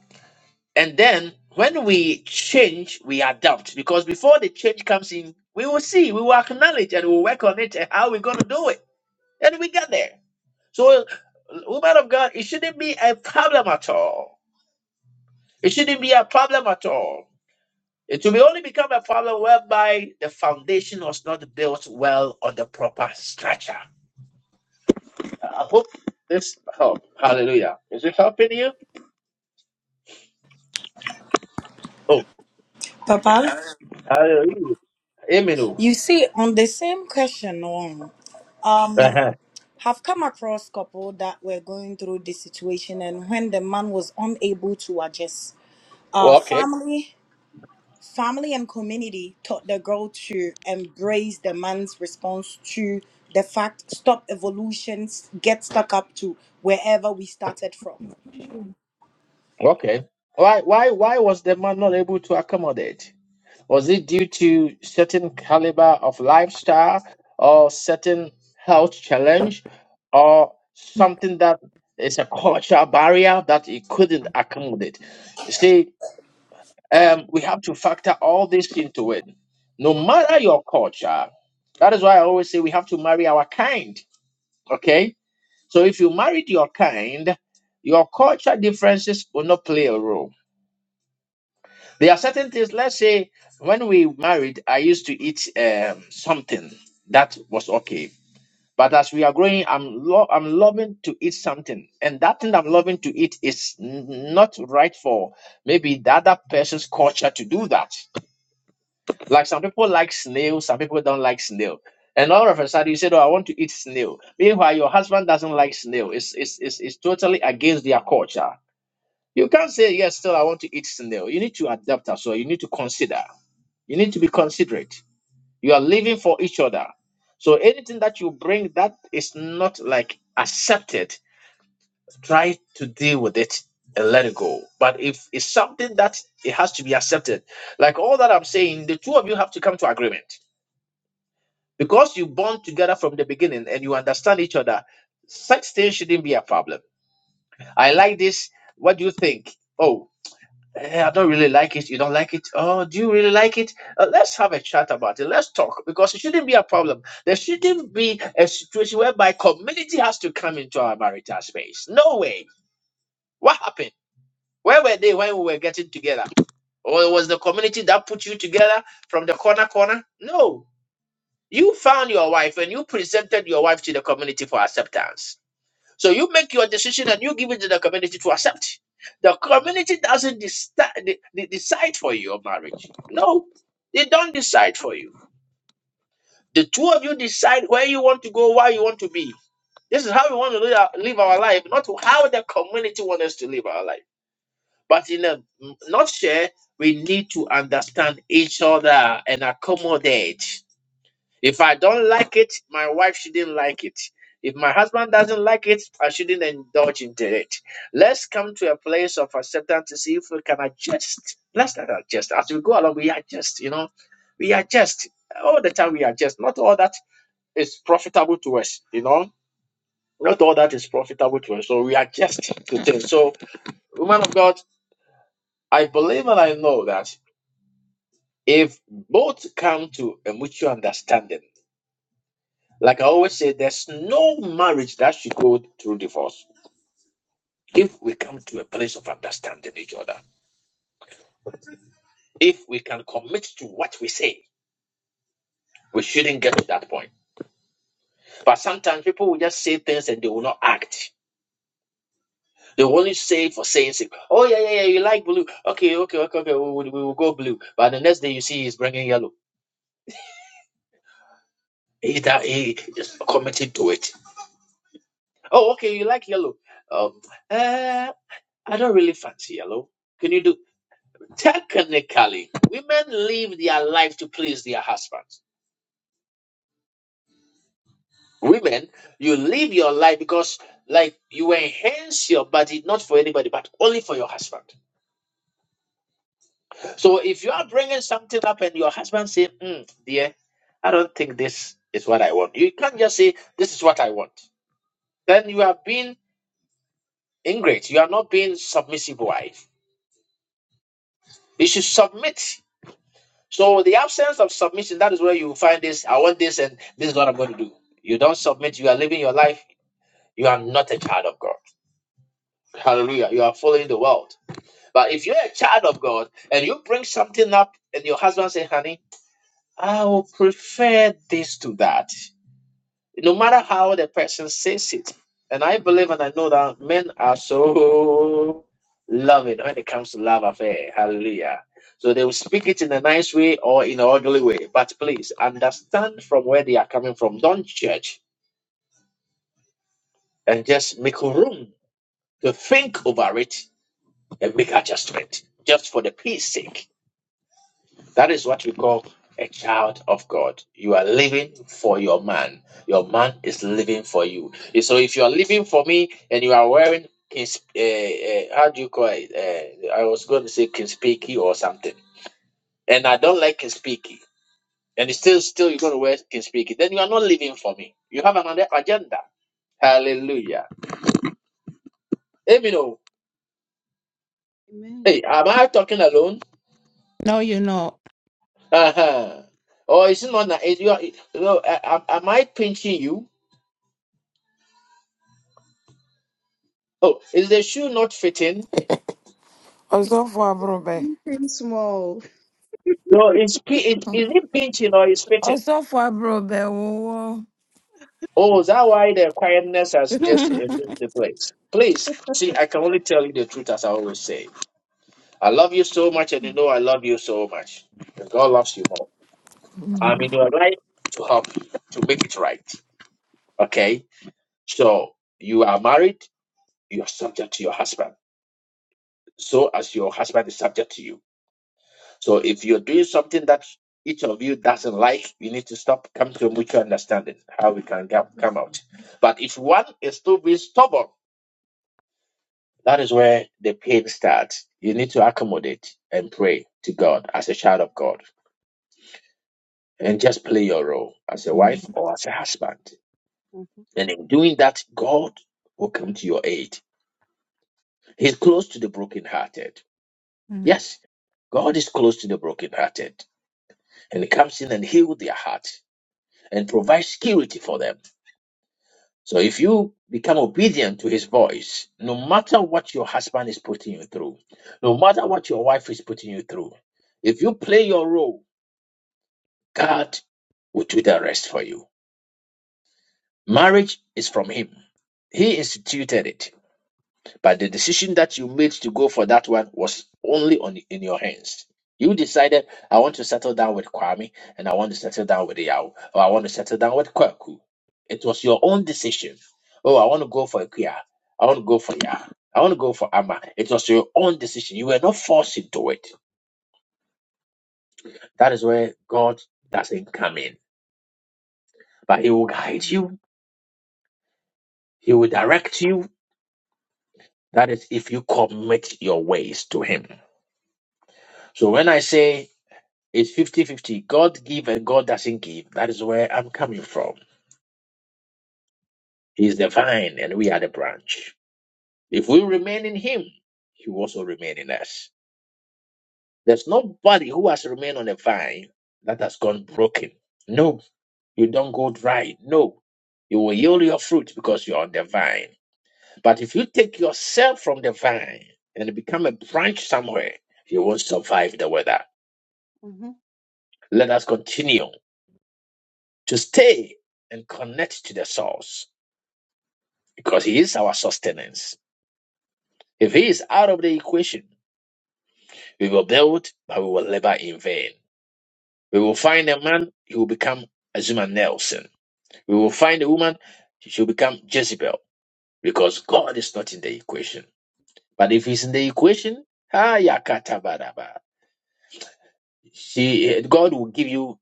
And then, when we change, we adapt. Because before the change comes in, we will see, we will acknowledge, and we'll work on it and how we're going to do it. And we get there. So, woman of God, it shouldn't be a problem at all It shouldn't be a problem at all. It will only become a problem whereby the foundation was not built well on the proper structure. I hope this help. Hallelujah. Is it helping you? Oh,
Papa,
hallelujah. Amen. oh.
you see, on the same question, no, um,
Uh-huh.
have come across couple that were going through this situation and when the man was unable to adjust uh
Okay.
family family and community taught the girl to embrace the man's response to the fact stop evolutions get stuck up to wherever we started from
Okay. Why why why was the man not able to accommodate? Was it due to certain caliber of lifestyle or certain health challenge or something that is a cultural barrier that it couldn't accommodate? You see, um, we have to factor all this into it. No matter your culture, that is why I always say we have to marry our kind. Okay? So if you married your kind, your culture differences will not play a role there are certain things, let's say, when we married, I used to eat um, something that was okay. But as we are growing, I'm lo- I'm loving to eat something, and that thing I'm loving to eat is n- not right for maybe the other person's culture to do that. Like some people like snail, some people don't like snail, and all of a sudden you said, "Oh, I want to eat snail." Meanwhile, your husband doesn't like snail. It's it's it's, it's totally against their culture. You can't say yes. Still, I want to eat snail. You need to adapt as well. You need to consider. You need to be considerate. You are living for each other. So anything that you bring that is not like accepted, try to deal with it and let it go. But if it's something that it has to be accepted, like all that I'm saying, the two of you have to come to agreement because you bond together from the beginning and you understand each other. Such things shouldn't be a problem. I like this. What do you think? Oh. Eh, I don't really like it. You don't like it? Oh, do you really like it? Uh, let's have a chat about it. Let's talk because it shouldn't be a problem. There shouldn't be a situation whereby community has to come into our marital space. No way. What happened? Where were they when we were getting together? Or was the community that put you together from the corner corner? No. You found your wife and you presented your wife to the community for acceptance. So you make your decision and you give it to the community to accept. The community doesn't deci- de- de- decide for your marriage. No, they don't decide for you. The two of you decide where you want to go, where you want to be. This is how we want to live our, live our life, not how the community wants us to live our life. But in a nutshell, we need to understand each other and accommodate. If I don't like it, my wife shouldn't like it. If my husband doesn't like it, I shouldn't indulge into it. Let's come to a place of acceptance to see if we can adjust. Let's not adjust. As we go along, we adjust, you know. We adjust. All the time we adjust. Not all that is profitable to us, you know. Not all that is profitable to us. So we adjust to things. So, woman of God, I believe and I know that if both come to a mutual understanding, Like I always say, there's no marriage that should go through divorce. If we come to a place of understanding each other, if we can commit to what we say, we shouldn't get to that point. But sometimes people will just say things and they will not act. They will only say it for saying, sake. oh, yeah, yeah, yeah, you like blue. Okay, okay, okay, okay, we will, we will go blue. But the next day you see he's bringing yellow. He, that, he is committed to it. Oh, okay, you like yellow. Um, uh, I don't really fancy yellow. Can you do? Technically, women live their life to please their husbands. Women, you live your life because, like, you enhance your body not for anybody but only for your husband. So if you are bringing something up and your husband say, mm, "Dear, I don't think this is what I want," you can't just say, "This is what I want." Then you are being ingrate. You are not being submissive wife. You should submit. So the absence of submission, that is where you find this. I want this, and this is what I'm going to do. You don't submit. You are living your life you are not a child of God. Hallelujah. You are following the world. But if you're a child of God and you bring something up and your husband say, honey, I will prefer this to that, no matter how the person says it. And I believe and I know that men are so loving when it comes to love affair. Hallelujah. So they will speak it in a nice way or in an ugly way. But please understand from where they are coming from. Don't judge and just make room to think over it A big adjustment just for the peace sake. That is what we call a child of God. You are living for your man. Your man is living for you. So if you are living for me and you are wearing uh, uh, how do you call it? Uh, I was going to say kinspeki or something, and I don't like kinspeki. And it's still, still, you're going to wear kinspeki. Then you are not living for me. You have another agenda. Hallelujah. Amen. know.
Amen.
Hey, am I talking alone?
No, you're not.
Uh-huh. Or is it not? that- Is you, are- you know, am, am I pinching you? Oh, is the shoe not fitting?
Ọsọfọ abụrụ bẹ.
Anything small.
No, it's pi- it, is it pinching or is fitting?
Ọsọfo aborɔbɛ wowɔ.
Oh, is that why the quietness has just
Amen.
invaded the place? Please, see, I can only tell you the truth as I always say. I love you so much, and you know I love you so much. And God loves you more. I'm in your life to help you to make it right. Okay, so you are married. You are subject to your husband. So as your husband is subject to you. So if you're doing something that each of you doesn't like, you need to stop, come to a mutual understanding how we can come, come out. But if one is still being stubborn, that is where the pain starts. You need to accommodate and pray to God as a child of God and just play your role as a wife or as a husband.
Mm-hmm.
And in doing that, God will come to your aid. He's close to the brokenhearted. Yes, God is close to the brokenhearted and he comes in and heals their heart and provides security for them. So if you become obedient to his voice, no matter what your husband is putting you through, no matter what your wife is putting you through, if you play your role, God will do the rest for you. Marriage is from him. He instituted it. But the decision that you made to go for that one was only on in your hands. You decided, I want to settle down with Kwame and I want to settle down with Yao, or I want to settle down with Kwaku. It was your own decision. Oh, I want to go for Kia. I want to go for Ya. I want to go for Amma. It was your own decision. You were not forced into it. That is where God doesn't come in. But He will guide you, He will direct you. That is if you commit your ways to Him. So when I say It's fifty-fifty. God give and God doesn't give. That is where I'm coming from. He's the vine and we are the branch. If we remain in Him, He will also remain in us. There's nobody who has remained on the vine that has gone broken. No, you don't go dry. No, you will yield your fruit because you're on the vine. But if you take yourself from the vine and become a branch somewhere, you won't survive the weather.
Mm-hmm.
Let us continue to stay and connect to the source because He is our sustenance. If He is out of the equation, we will build, but we will labor in vain. We will find a man, he will become Azuma Nelson. We will find a woman, she will become Jezebel, because God is not in the equation. But if He's in the equation, ah, yakatabaraba, she, God will give you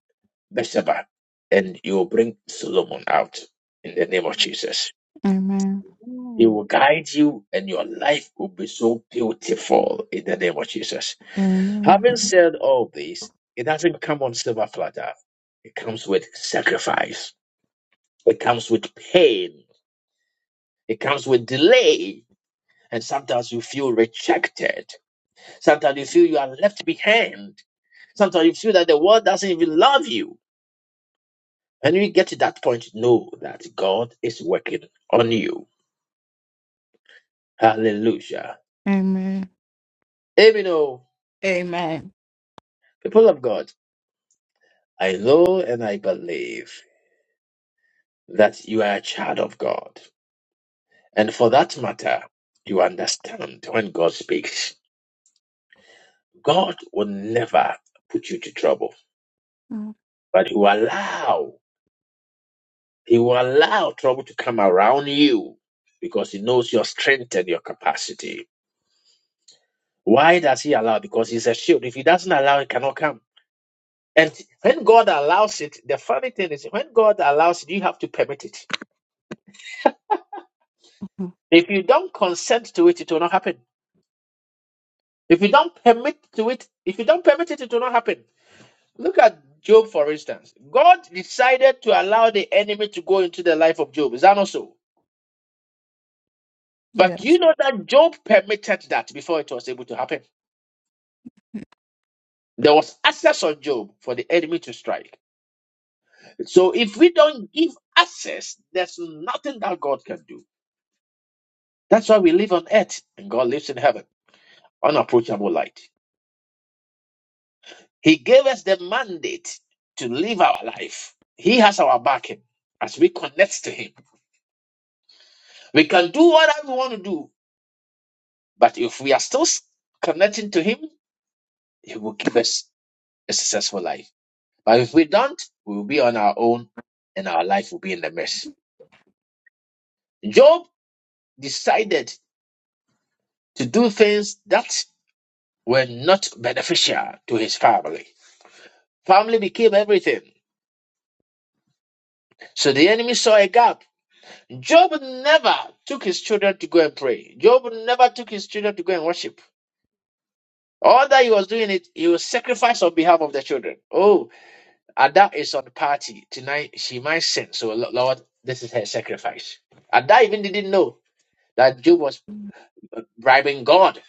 Bathsheba, and you will bring Solomon out in the name of Jesus.
Amen.
He
Amen.
will guide you, and your life will be so beautiful in the name of Jesus. Having
Amen.
said all this, it doesn't come on silver platter. It comes with sacrifice. It comes with pain. It comes with delay. And sometimes you feel rejected. Sometimes you feel you are left behind. Sometimes you feel that the world doesn't even love you. And when you get to that point, know that God is working on you. Hallelujah.
Amen.
Amen. oh. People of God, I know and I believe that you are a child of God. And for that matter, you understand when God speaks, God will never put you to trouble,
Amen.
but He will allow, He will allow trouble to come around you because He knows your strength and your capacity. Why does He allow? Because He's a shield. If He doesn't allow, it cannot come. And when God allows it, the funny thing is, when God allows it, you have to permit it. If you don't consent to it, it will not happen. If you don't permit to it, if you don't permit it, it will not happen. Look at Job, for instance. God decided to allow the enemy to go into the life of Job. Is that not so? But you
Yes.
know that Job permitted that before it was able to happen? There was access on Job for the enemy to strike. So if we don't give access, there's nothing that God can do. That's why we live on earth and God lives in heaven, unapproachable light. He gave us the mandate to live our life. He has our backing as we connect to Him. We can do whatever we want to do But if we are still connecting to Him, He will give us a successful life. But if we don't, we will be on our own and our life will be in the mess. Job decided to do things that were not beneficial to his family. Family became everything. So the enemy saw a gap. Job never took his children to go and pray. Job never took his children to go and worship. All that he was doing it, he was sacrifice on behalf of the children. Oh, Ada is on the party tonight. She might sin. So Lo- Lord, this is her sacrifice. Ada even didn't know that Job was bribing God.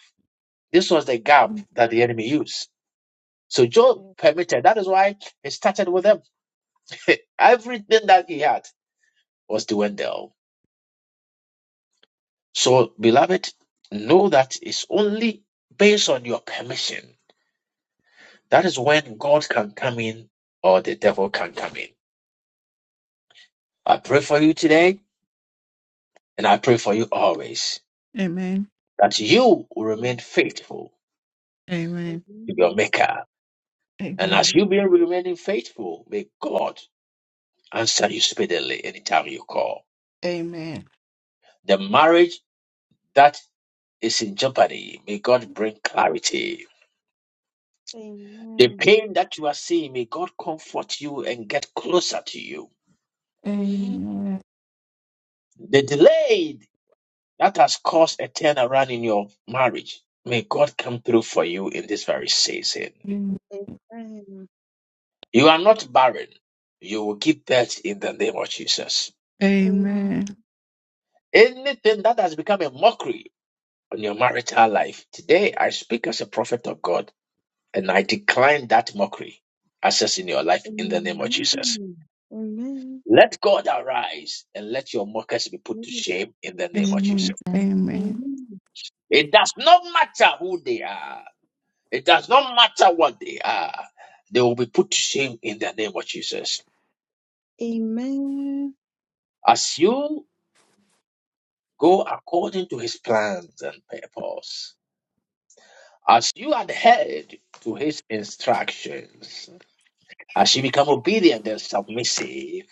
This was the gap that the enemy used. So Job permitted. That is why he started with them. Everything that he had was to Wendell. So beloved, know that it's only based on your permission. That is when God can come in or the devil can come in. I pray for you today and I pray for you always
Amen.
that you will remain faithful
Amen.
to your
Amen.
Maker. And as
Amen.
you've been remaining faithful, may God answer you speedily anytime you call.
Amen.
The marriage that is in jeopardy, may God bring clarity. The
Amen.
pain that you are seeing, may God comfort you and get closer to you.
Amen. Amen.
Amen.
The delay that has caused a turnaround in your marriage, may God come through for you in this very season. You are not barren. You will give birth in the name of Jesus.
Amen.
Amen.
Anything that has become a mockery on your marital life, today I speak as a prophet of God and I decline that mockery access your life in the name of Jesus.
Amen.
Let God arise and let your mockers be put to
Amen.
shame in the name of Jesus.
Amen. Amen.
Amen.
It does not matter who they are, it does not matter what they are, they will be put to shame in the name of Jesus.
Amen.
As you go according to his plans and purpose, as you adhered to his instructions, As you become obedient and submissive,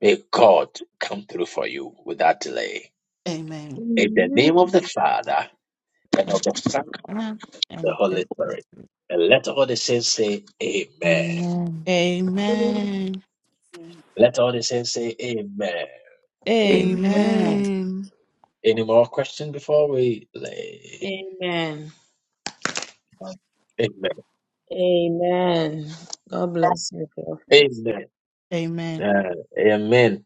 may God come through for you without delay.
Amen.
In the
Amen.
name of the Father, and of
And
the Son, and of
and
the
of
Holy
the
Spirit. And let all the saints say Amen.
Amen.
Amen.
Amen.
Amen.
Let all the saints say Amen.
Amen.
Amen.
Amen.
Any more questions before we leave?
Amen.
Amen.
Amen. God bless you, Prophet.
Amen.
Amen.
Uh, amen.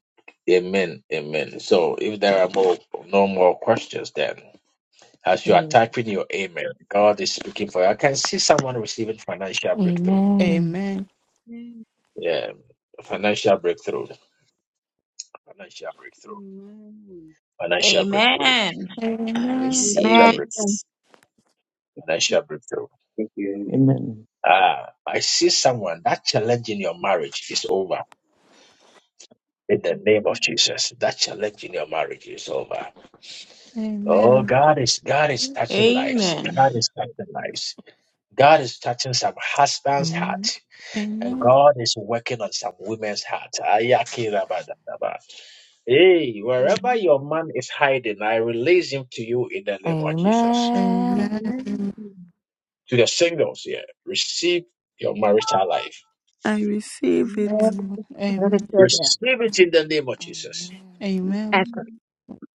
Amen. Amen. So if there are more, no more questions, then. As you are
Amen.
typing your amen, God is speaking for you. I can see someone receiving financial breakthrough.
Amen.
Amen.
Yeah, financial breakthrough, financial breakthrough,
Amen.
financial breakthrough,
Amen. I
Amen.
receive
financial
Amen.
it.
breakthrough,
Amen.
financial breakthrough.
Thank you. Amen.
Ah, I see someone that challenge in your marriage is over. In the
Amen. Amen.
name of
Amen.
Jesus, that challenge in your marriage is over. Oh, God is God is touching lives.
Amen.
God is touching lives. God is touching some husband's
Amen.
heart. And
Amen. Amen.
God is working on some women's hearts. Ayaki, Ayakirabadadaba. Hey, wherever your man is hiding, I release him to you in the name of Jesus.
Amen.
Amen.
Amen.
Amen.
To the singles here, receive your marital life.
I receive it.
Amen.
Amen.
Receive it in the name of Jesus.
Amen.
Amen. Amen.
Amen.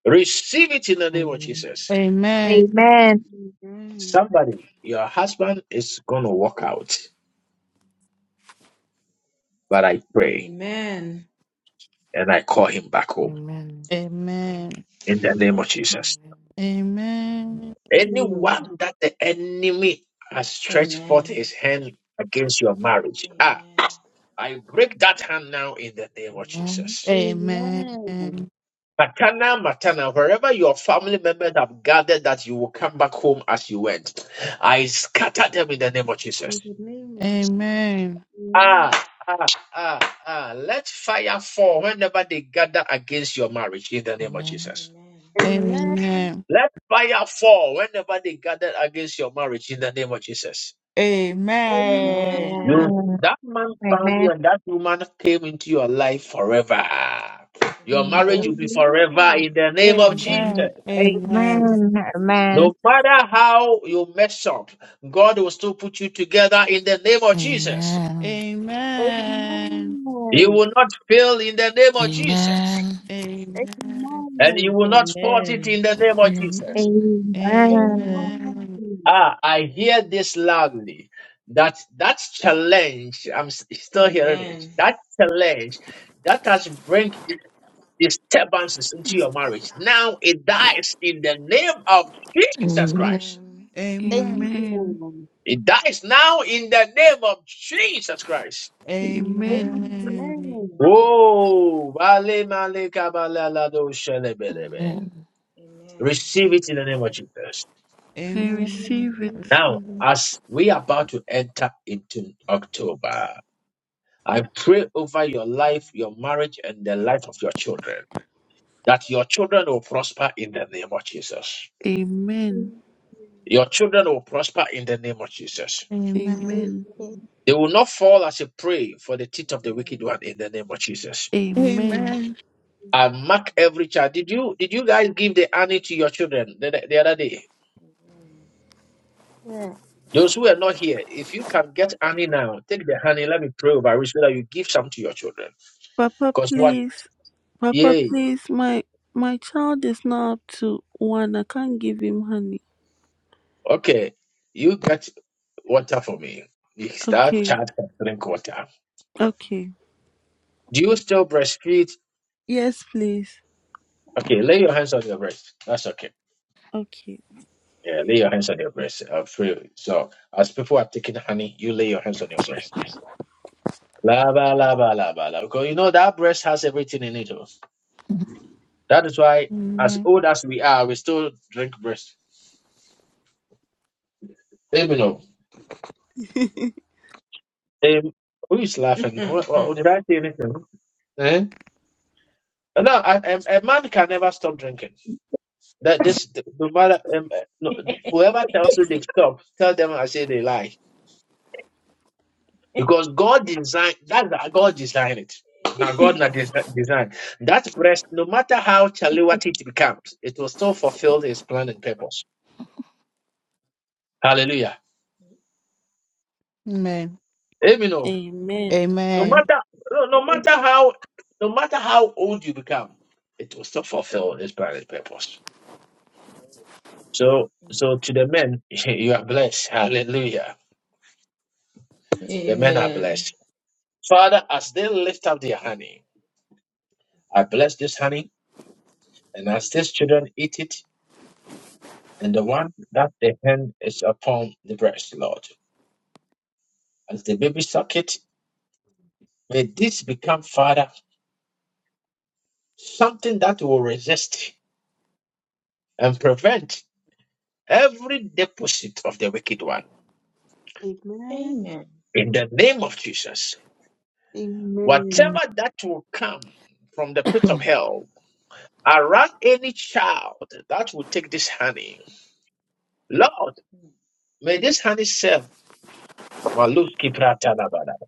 Receive it in the name of
Amen.
Jesus.
Amen. Amen.
Amen.
Somebody, your husband is going to walk out, but I pray
Amen.
and I call him back
Amen.
home
Amen.
in the name
Amen.
of Jesus.
Amen.
Anyone that the enemy has stretched forth
Amen.
his hand against your marriage,
Amen.
ah, I break that hand now in the name of Jesus. Matana, Matana, wherever your family members have gathered that you will come back home as you went, I scatter them in the name of
In
Jesus.
the name of Jesus.
Amen.
Ah, ah, ah, ah. Let fire fall whenever they gather against your marriage in the name of
Amen.
Jesus.
Amen.
Amen. Amen.
Amen.
Let fire fall whenever they gather against your marriage in the name of Jesus.
Amen.
Amen.
Amen.
Amen.
You,
Amen.
that man found
Amen.
you and that woman came into your life forever. Your
Amen.
marriage
Amen.
will be forever in the name of Jesus.
Amen. Amen.
Amen.
No matter how you mess up, God will still put you together in the name of Jesus.
Amen.
Amen.
You will not fail in the name of Jesus.
Amen.
Amen.
And you will not fault
Amen.
it
Amen.
in the name of
Amen.
Jesus.
Amen.
Amen.
Amen.
Ah, I hear this loudly. That that challenge, I'm s- still hearing
Amen.
it. That challenge that has bring disturbances into your marriage. Now it dies in the name of Jesus
Amen.
Christ.
Amen.
Amen.
Amen.
Amen. Amen.
It dies now in the name of Jesus Christ.
Amen.
Amen.
Amen.
Amen.
Amen.
Oh, vale, male, kabala, lado, shele,
Amen.
Amen.
receive it in the name of Jesus.
I
Amen.
Amen.
receive it.
Now, as we are about to enter into October, I pray over your
Mm.
life, your marriage, and the life of your children that your children will prosper in the name of Jesus.
Amen.
Your children will prosper in the name of Jesus.
Amen. Amen.
Amen.
Amen.
Okay.
Amen.
They will not fall as a prey for the teeth of the wicked
Amen.
one in the name of Jesus.
Amen.
Amen.
I mark every child. Did you did you guys give the honey to your children the, the other day? Those who are not here, if you can get honey now, take the honey. Let me pray over it so that you give some to your children.
Papa,
Because what?
please. Papa,
Yay.
please. My my child is not up to one. I can't give him honey.
Okay. You get water for me. Yes, That
Okay.
child can drink water.
Okay.
Do you still breastfeed?
Yes, please.
Okay. Lay your hands on your breast. That's okay.
Okay.
Yeah. Lay your hands on your breast. I'll So, as people are taking honey, you lay your hands on your breast. La ba la ba la ba la. Because you know that breast has everything in it. oh. That is why, as
Amen.
old as we are, we still drink breast. Amen. oh. Um, who is laughing? Who,
Amen.
who- did I say anything? Eh? No, A a a man can never stop drinking. That this, no matter um, no, whoever tells you they've stopped, tell them I say they lie. Because God designed that. God designed it. Now God not desi- designed that breast. No matter how chally what it becomes, it will still fulfill His plan and purpose. Hallelujah. Let me know.
Amen.
Amen.
No
Amen.
matter no, no matter how no matter how old you become, it will still fulfill its primary purpose. So so to the men, you are blessed. Hallelujah. The men are
Amen.
blessed. Father, as they lift up their honey, I bless this honey, and as these children eat it, and the one that their hand is upon the breast, Lord. As the baby suck it, may this become, Father, something that will resist and prevent every deposit of the wicked one.
Amen.
Amen.
In the name of Jesus,
Amen.
whatever that will come from the pit of hell around any child that will take this honey, Lord,
Mm.
may this honey serve Maluski Pratanabada,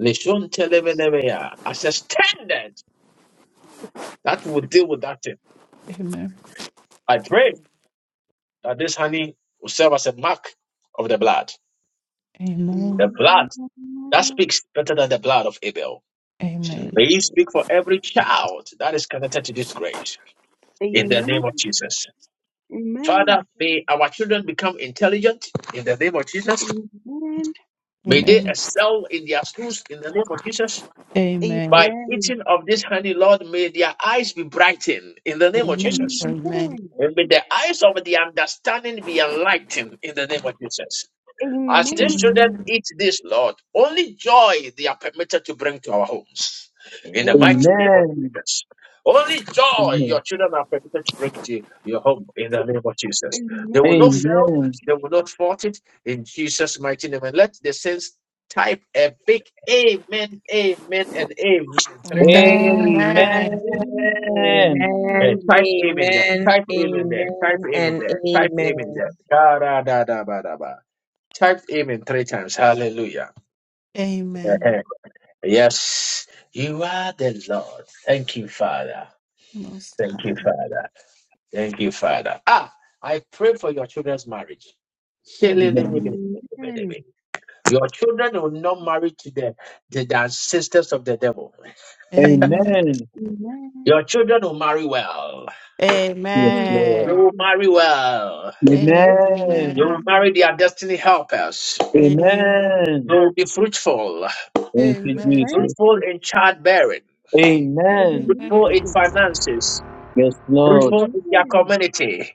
Lishon Telemenemeya, as a standard that will deal with that thing.
Amen.
I pray
Amen.
that this honey will serve as a mark of the blood.
Amen. Amen. Amen.
The
Amen.
blood that
Amen.
speaks better than the blood of Abel.
Amen.
May you
Jesus.
speak for
Amen.
every child that is connected to this grace. In the
Amen.
name of
Amen.
Jesus. Father,
Amen.
may our children become intelligent in the name of Jesus.
Amen. Amen.
May they excel in their schools in the name of Jesus. By eating of this honey, Lord, may their eyes be brightened in the name of Jesus.
Amen.
And may the
Amen.
eyes of the understanding be enlightened in the name of Jesus.
Amen. Amen.
As these
Thank
Amen.
children eat this, Lord, only joy they are permitted to bring to our homes. In
you,
the
Amen.
Jesus.
mighty name of
Amen.
Jesus. Only joy
Amen.
your children are permitted to bring to your home in the name of Jesus.
Amen. Amen.
They will not fail,
Amen.
they will not fault it in Jesus' mighty name. And let the saints type a big amen, amen, and amen. Three times. Type amen.
Amen.
Amen.
Amen.
Eh,
Amen,
type amen there.
amen,
Type amen there. Type
amen,
amen
and
there. Type amen
amen.
there. Da, da, da, da, ba, da, ba. Type amen three times. Hallelujah.
Amen.
Uh-huh. Yes, you are the Lord. Thank you, Father.
Most
Thank you,
high.
Father. Thank you, Father. Ah, I pray for your children's marriage.
Amen.
Amen.
Your children will not marry to the, the, the ancestors of the devil.
Amen.
Amen.
Amen.
Your children will marry well.
Yes, Lord.
They
Amen.
will marry well. They
Amen.
will
Amen.
marry their destiny helpers.
Amen. Amen.
They
Amen.
will be fruitful,
Thank you,
Amen.
Jesus.
fruitful in
Amen.
childbearing,
Amen.
Amen.
Amen.
fruitful in
Amen.
finances,
Yes, Lord.
fruitful in their
Amen. Amen.
community,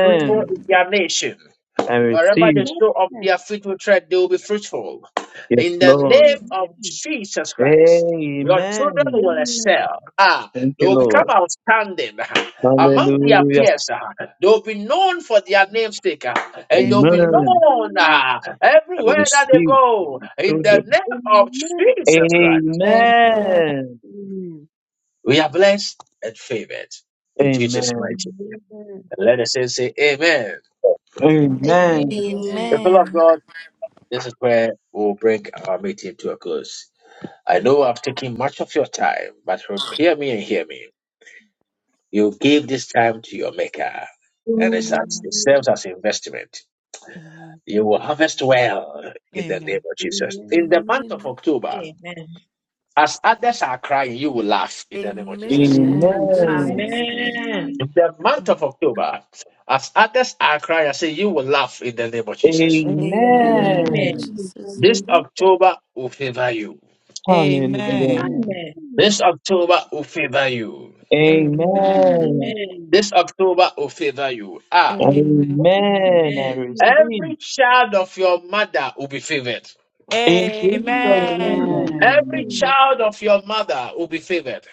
Fruitful is
Amen.
their nation.
I
Wherever
receive.
they
Amen.
show up their feet will tread, they will be fruitful.
Yes,
In the
Lord.
name
Amen.
of
Amen.
Jesus Christ, your children
Amen.
will
Amen.
excel. Ah,
Thank
they
you,
will become
Lord.
outstanding among their
Amen.
Hallelujah.
peers. ah. They will be known for their namesake, ah, and they will be
Amen.
Amen.
Amen.
known
Amen.
ah,
I
everywhere that they
receive
go. In the
children.
name
Amen. Amen.
of Jesus Christ,
Amen. Amen.
Amen.
we are blessed and favored in Jesus'
Amen.
mighty
Amen.
name. And let us say, say Amen.
Amen. Amen.
Amen.
Amen. Amen.
The people of
Amen.
God. This is where we'll bring our meeting to a close. I know I'm taking much of your time, but hear me and hear me. You give this time to your maker, and it's as, it serves as investment. You will harvest well in the name
Amen. Amen.
of
Amen. Amen. Amen.
Jesus.
Hallelujah.
In the month of
Amen.
October,
Amen.
as others are crying, you will laugh in the name of Jesus.
Amen. In
Amen.
Amen.
Amen.
Jesus' name.
Amen.
In the month of October, as others are crying, I say you will laugh in the name of Jesus.
Amen.
Amen.
Amen.
Amen.
Amen. Amen.
In
Amen.
Amen.
Amen.
Jesus'
This
name.
October will favor you.
Amen. Amen. Amen. Amen.
Hallelujah.
Amen.
Amen.
This October will favor you.
Amen.
Amen.
Amen.
Amen.
Amen. Amen.
This October will favor you. Ah,
Amen.
Amen.
I receive
every child of your mother will be favored.
in
Amen.
Jesus' name.
Amen.
Every
Amen.
child of your mother will be favored.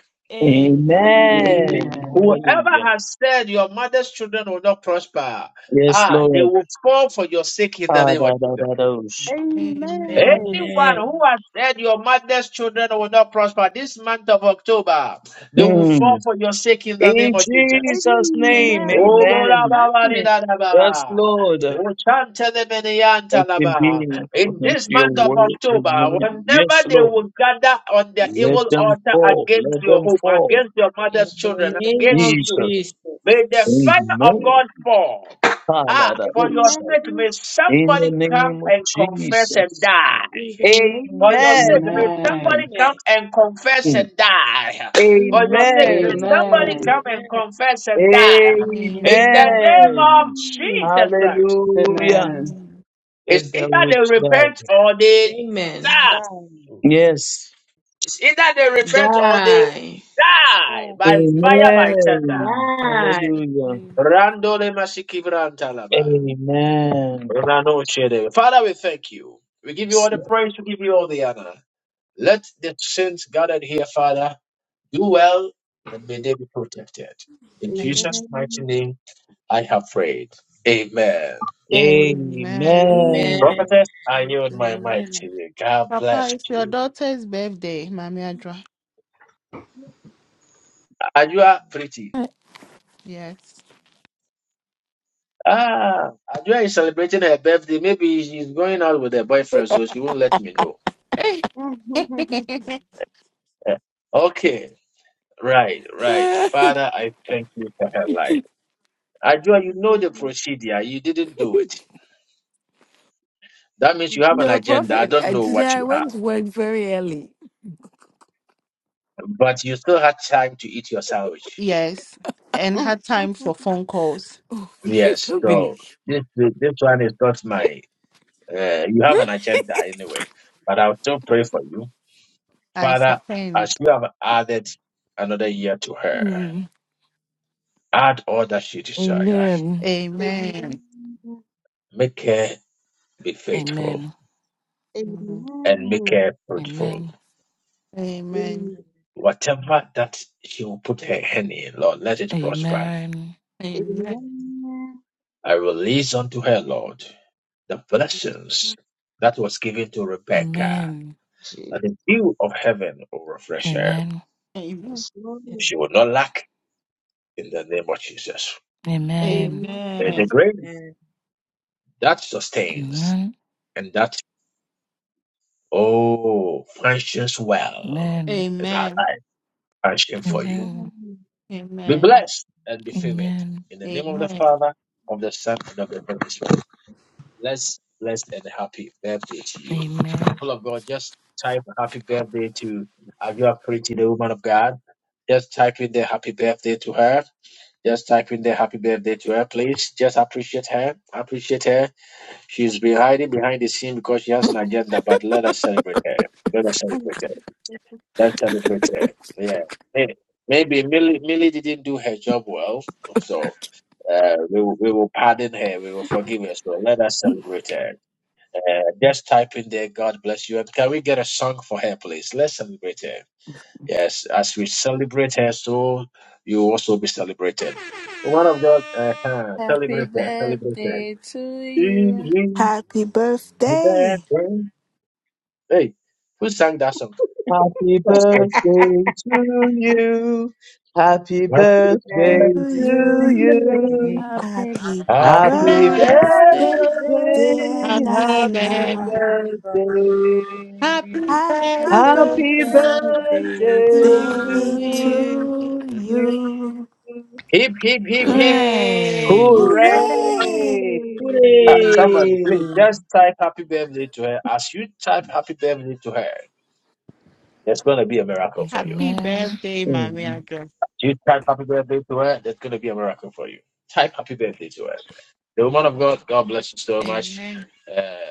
Amen.
Amen.
Whoever
Hallelujah.
has said your mother's children will not prosper,
Yes,
ah, they
Lord.
will fall for your sake in the
Ah,
name of
da, da,
Jesus.
da, dosh.
Amen. Amen.
Amen.
Amen.
Anyone who has said your mother's children will not prosper this month of October, they will fall
Mm.
for your sake in the name
In
of Jesus.
Jesus'
Amen.
name.
O
Amen.
Bora
Amen.
Baba
Amen.
Rida Da
Yes,
Baba.
Lord.
O
Let
Oborababaridadabara.
it
Ochantelebeneyantalaba.
be
In
according to
this
your
month of
word.
October,
Amen. Yes,
whenever they
Lord.
will gather on their
Amen.
Let
evil
them
altar
fall.
against
Let
your
them
home,
fall.
against your
In
mother's
the
children,
name of
against
Jesus.
you,
Jesus.
may the fire of
Amen.
God fall. Ah, for your
Hallelujah.
sake, may
In the
somebody come
name of
and confess and
Jesus.
In
die.
the
For
name
your sake, may
Amen.
somebody come
Amen.
and confess
Mm.
and die. For your sake,
Amen.
may
Amen.
Amen.
somebody come and
Amen.
confess and die. In the
Amen.
name of
Amen.
Amen.
Jesus Christ.
Hallelujah.
Amen.
Amen.
Let
It's
them
either they
which die.
repent or they
Amen.
die.
God.
Yes.
It's either they repent or they
Die.
die
God.
by fire, by
Amen.
Amen.
thunder.
Amen.
Die.
Hallelujah.
Amen.
Randole masikivrantalaba.
Amen.
Ranochere. Father, we thank you. We give you all the praise, we give you all the honor. Let the saints gathered here, Father. Do well and may they be protected. In
Amen.
Amen.
Jesus' mighty
Amen.
name, I have prayed. Amen.
Amen.
Amen.
Amen.
Prophetess, I yield my mic to
Amen.
you. God
Papa,
bless
it's your
you.
daughter's birthday, Mami Adra.
Ajua, pretty.
Yes.
Ah, Ajua is celebrating her birthday. Maybe she's going out with her boyfriend, so she won't let me know.
Hey.
eh, okay. Right, right.
Ah,
Father, I thank you for her life. Ajua, you know the procedure. You didn't do it. That means you have an
No
agenda. I
prophet.
don't
uh,
know
Today
what
I
you
went
have,
to work very early.
but you still had time to eat your sandwich.
yes. And her time for phone calls.
Oh,
Yes,
Sister Billy.
so this this this one is not my. Uh, you have an agenda anyway, but I'll still pray for you,
I
Father. As
second.
you have added another year to her,
Mm.
add all that she desires.
Amen.
Amen.
Make her be faithful
Amen.
Mhm.
and make
Amen.
her fruitful.
Amen.
Amen.
Whatever that she will put her hand in, Lord, let it prosper.
Amen.
Amen.
Amen.
Amen.
I release unto her, Lord, the blessings that was given to Rebecca,
Amen.
that
Jesus.
the dew of heaven will refresh her.
Amen.
Amen.
Lord.
She will not lack in the name of Jesus.
Amen.
Amen.
May
Amen.
the grace
Amen.
that sustains
Amen.
and that, oh, functions well
Amen.
in our
Amen.
life function for you.
Amen.
Amen.
Be
Amen.
blessed and be favored
Amen.
in the name of the
Amen.
Father, of the Son, and of the Holy Spirit. Blessed, blessed, and happy birthday to you.
Amen.
People of God, just type happy birthday to as you are pretty, the woman of God. Just type in the happy birthday to her. Just type in the happy birthday to her, please. Just appreciate her. Appreciate her She's been hiding behind the scene because she has an agenda, but let us celebrate her. Let us celebrate her. Let's celebrate her. Yeah. May- Maybe Millie, Millie didn't do her job well, so uh, we, will- we will pardon her. We will forgive her. So let us celebrate her. Uh, just type in there, God bless you. And can we get a song for her, please? Let's celebrate her. Yes, as we celebrate her, so you will also be celebrated. One of God, uh, uh,
Happy
celebrate her, celebrate
birthday to you.
Happy birthday
her. Hey, who sang that song?
Happy
That's great.
birthday to you. Happy
Happy
Happy
to
birthday.
birthday to
birthday.
you.
you.
Hallelujah.
Happy
Happy
Happy
Happy
birthday,
Birthday.
birthday
dear
birthday.
to
Happy
birthday.
Happy
Nana.
birthday.
birthday.
Happy
Happy
you.
Happy
birthday
Happy
birthday
Amen.
birthday to
birthday
Amen.
to
you.
to
you.
to
you.
you.
Hip, hip, hip, hip.
Hooray.
Hooray.
Amen.
Hooray!
Hooray!
Uh, somebody,
Hooray.
please just type happy birthday to her. As you type happy birthday to her, there's going to be a miracle for you.
Happy
Amen.
birthday, Mommy
Amen.
Address.
You type happy birthday to her, there's going to be a miracle for you. Type happy birthday to her. The woman of God, God bless you so much.
Amen.
Uh,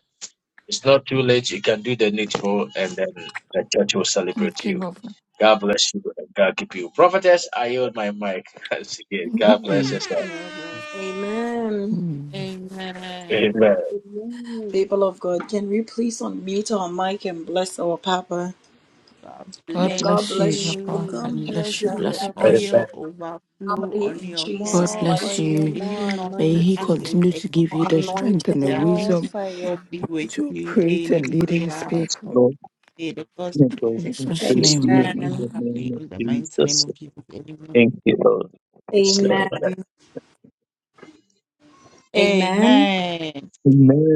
it's not too late. You can do the needful, and then the church will celebrate
Okay,
you.
Papa.
God bless you. and God keep you. Prophetess, I yield my mic. Once again, God bless
Mm.
us all.
God bless.
Amen.
Amen.
Amen.
People of God, can we please unmute our mic and bless our Papa?
God
God
May
bless
God
bless you,
bless you
Papa.
you.
and
May
God
And
bless
protect
bless you,
your
you,
The
bless you,
home,
Papa.
bless you.
Amen.
oil overflow
family
on
in
your
God
Jesus'
head.
More
bless
mighty
oil,
May
you.
you
more
not
May He
lack
anointing,
in
continue to give you
name.
the
anything.
strength and the
The
anointing.
more
anointing
wisdom
of God
fire.
be with
to
you day
operate
in
and
and
lead
day
His
out.
Let's
people.
go.
May the God's
May God
In
protection
Jesus'
be
increase
with
name.
you
you
and
in
Amen.
the
the
name
family
of
in the mighty name
Jesus.
of Jesus. Amen.
Thank you, Lord. It's like,
Amen.
Amen. Amen.
Amen.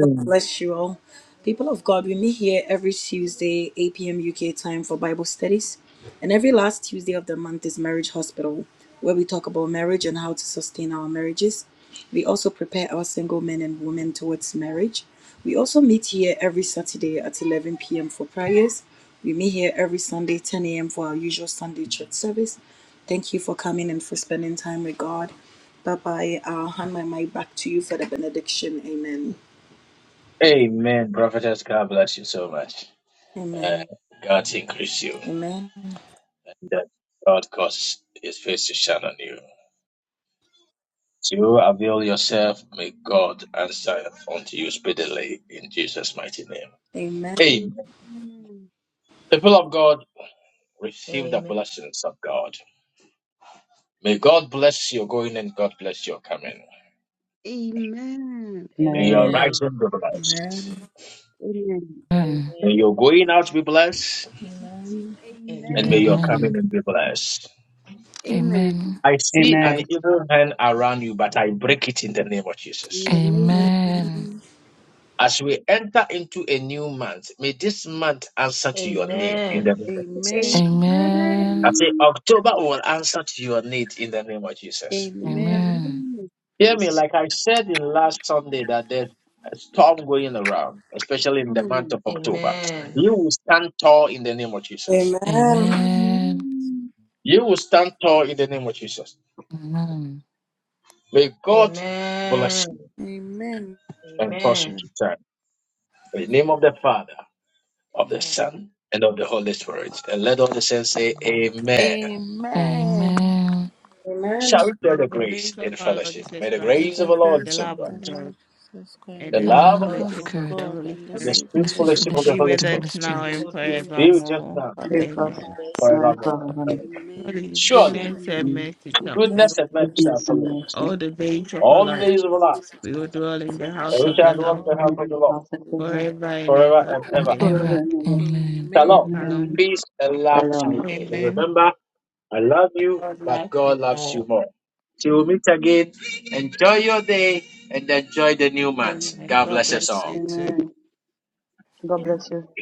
God bless you all. People of God, we meet here every Tuesday, 8 p.m. UK time for Bible studies. And every last Tuesday of the month is Marriage Hospital, where we talk about marriage and how to sustain our marriages. We also prepare our single men and women towards marriage. We also meet here every Saturday at 11 p.m. for prayers. We meet here every Sunday, 10 a.m. for our usual Sunday church service. Thank you for coming and for spending time with God. Bye bye. I'll hand my mic back to you for the benediction. Amen.
Amen.
Amen.
Prophetess, God bless you so much. Uh,
Amen.
God increase you.
Amen.
That God cause his face to shine on you. You avail yourself. May God answer unto you speedily in Jesus' mighty name.
Amen.
Amen.
Amen.
Amen.
People of God, receive the
Amen.
blessings of God. May God bless your going and God bless your coming. May your
Amen.
rising be blessed.
Amen.
Amen.
May
Amen.
your going out be blessed, and may
Amen.
your
Amen.
coming
Amen.
in be blessed.
Amen.
Amen.
I see an
Amen.
evil hand around
Amen.
you, but I break it in the name of
In
Jesus.
the name of
Amen.
As we enter into a new month, may this month answer to your need in the
Amen.
name of Jesus.
Amen. Amen.
I
Amen.
say
Amen.
October will answer to your need in the name of Jesus.
In the
Amen.
Amen.
name of
Hear me,
Jesus.
like
Amen.
I said in last Sunday that there's a storm going around, especially in the month of October.
Amen.
You will stand tall in the name of Jesus.
Amen.
Amen.
Amen.
You will stand tall in the name of Jesus.
Amen.
May God
Amen.
bless you
Amen.
and cause you
Amen.
to turn. In the name of the Father, of the
Amen.
Son, and of the Holy Spirit. And let all the saints say, Amen.
Amen.
Amen.
Amen.
Shall we
May
pray the
the
grace
grace of
in
our Lord
fellowship? May
Jesus
the
May
Christ,
grace of
the
the Lord
the
grace
Jesus
of
love
the
of
Christ,
God.
Lord Jesus
The
and
grace
the
Christ,
the
of
The
the
true
love of
love
our
love
Lord
God,
of
fellowship
Jesus
of
of
God.
the
Christ,
God,
Holy
and
the
the
and the
love
Spirit
sweet
of
spirit
This is
God,
fellowship
fellowship
of
of the
fellowship
be
the
of
Holy
with
the
the
Holy
us
Spirit
Holy
now
fellowship
Spirit
and
Spirit.
Holy
of the
be
Spirit,
Holy
with
be
us
with us
forevermore.
now
Be with
forever
us
Spirit,
Amen.
now.
rest
now
forever.
and
and
and
abide
ever.
forevermore.
Amen.
Amen.
Holy
Surely,
goodness
Surely,
and
Amen.
mercy shall
goodness
goodness
follow
with
and
and
us. Amen.
mercy
mercy
shall
Goodness and
follow
shall
us
all
mercy.
follow
the days of
Goodness
our
all the
and
life.
days of our
mercy
life,
us. all the days
shall
We
of our
will
life.
follow
dwell
us
in the
We
and
house
we
of
shall
shall
the
We
dwell
dwell
shall
in
Lord
all
the
the
house
dwell
of
in
the
the
Lord
days
house of the
in the Lord
Lord
forever
of
and
forever
ever.
and ever.
forever and
our
forever
Amen.
Forever.
life.
ever.
and ever.
Amen.
Shalom,
Amen.
Shalom.
Amen.
peace and love
Amen.
to
Shalom.
you. And
Amen.
Amen.
remember, I love you,
God
but
bless you
God loves you
all.
more. Till we meet again, enjoy your day and enjoy the new month.
Amen.
God
God
bless us
bless
all.
you too.
Amen. God bless you.
Amen.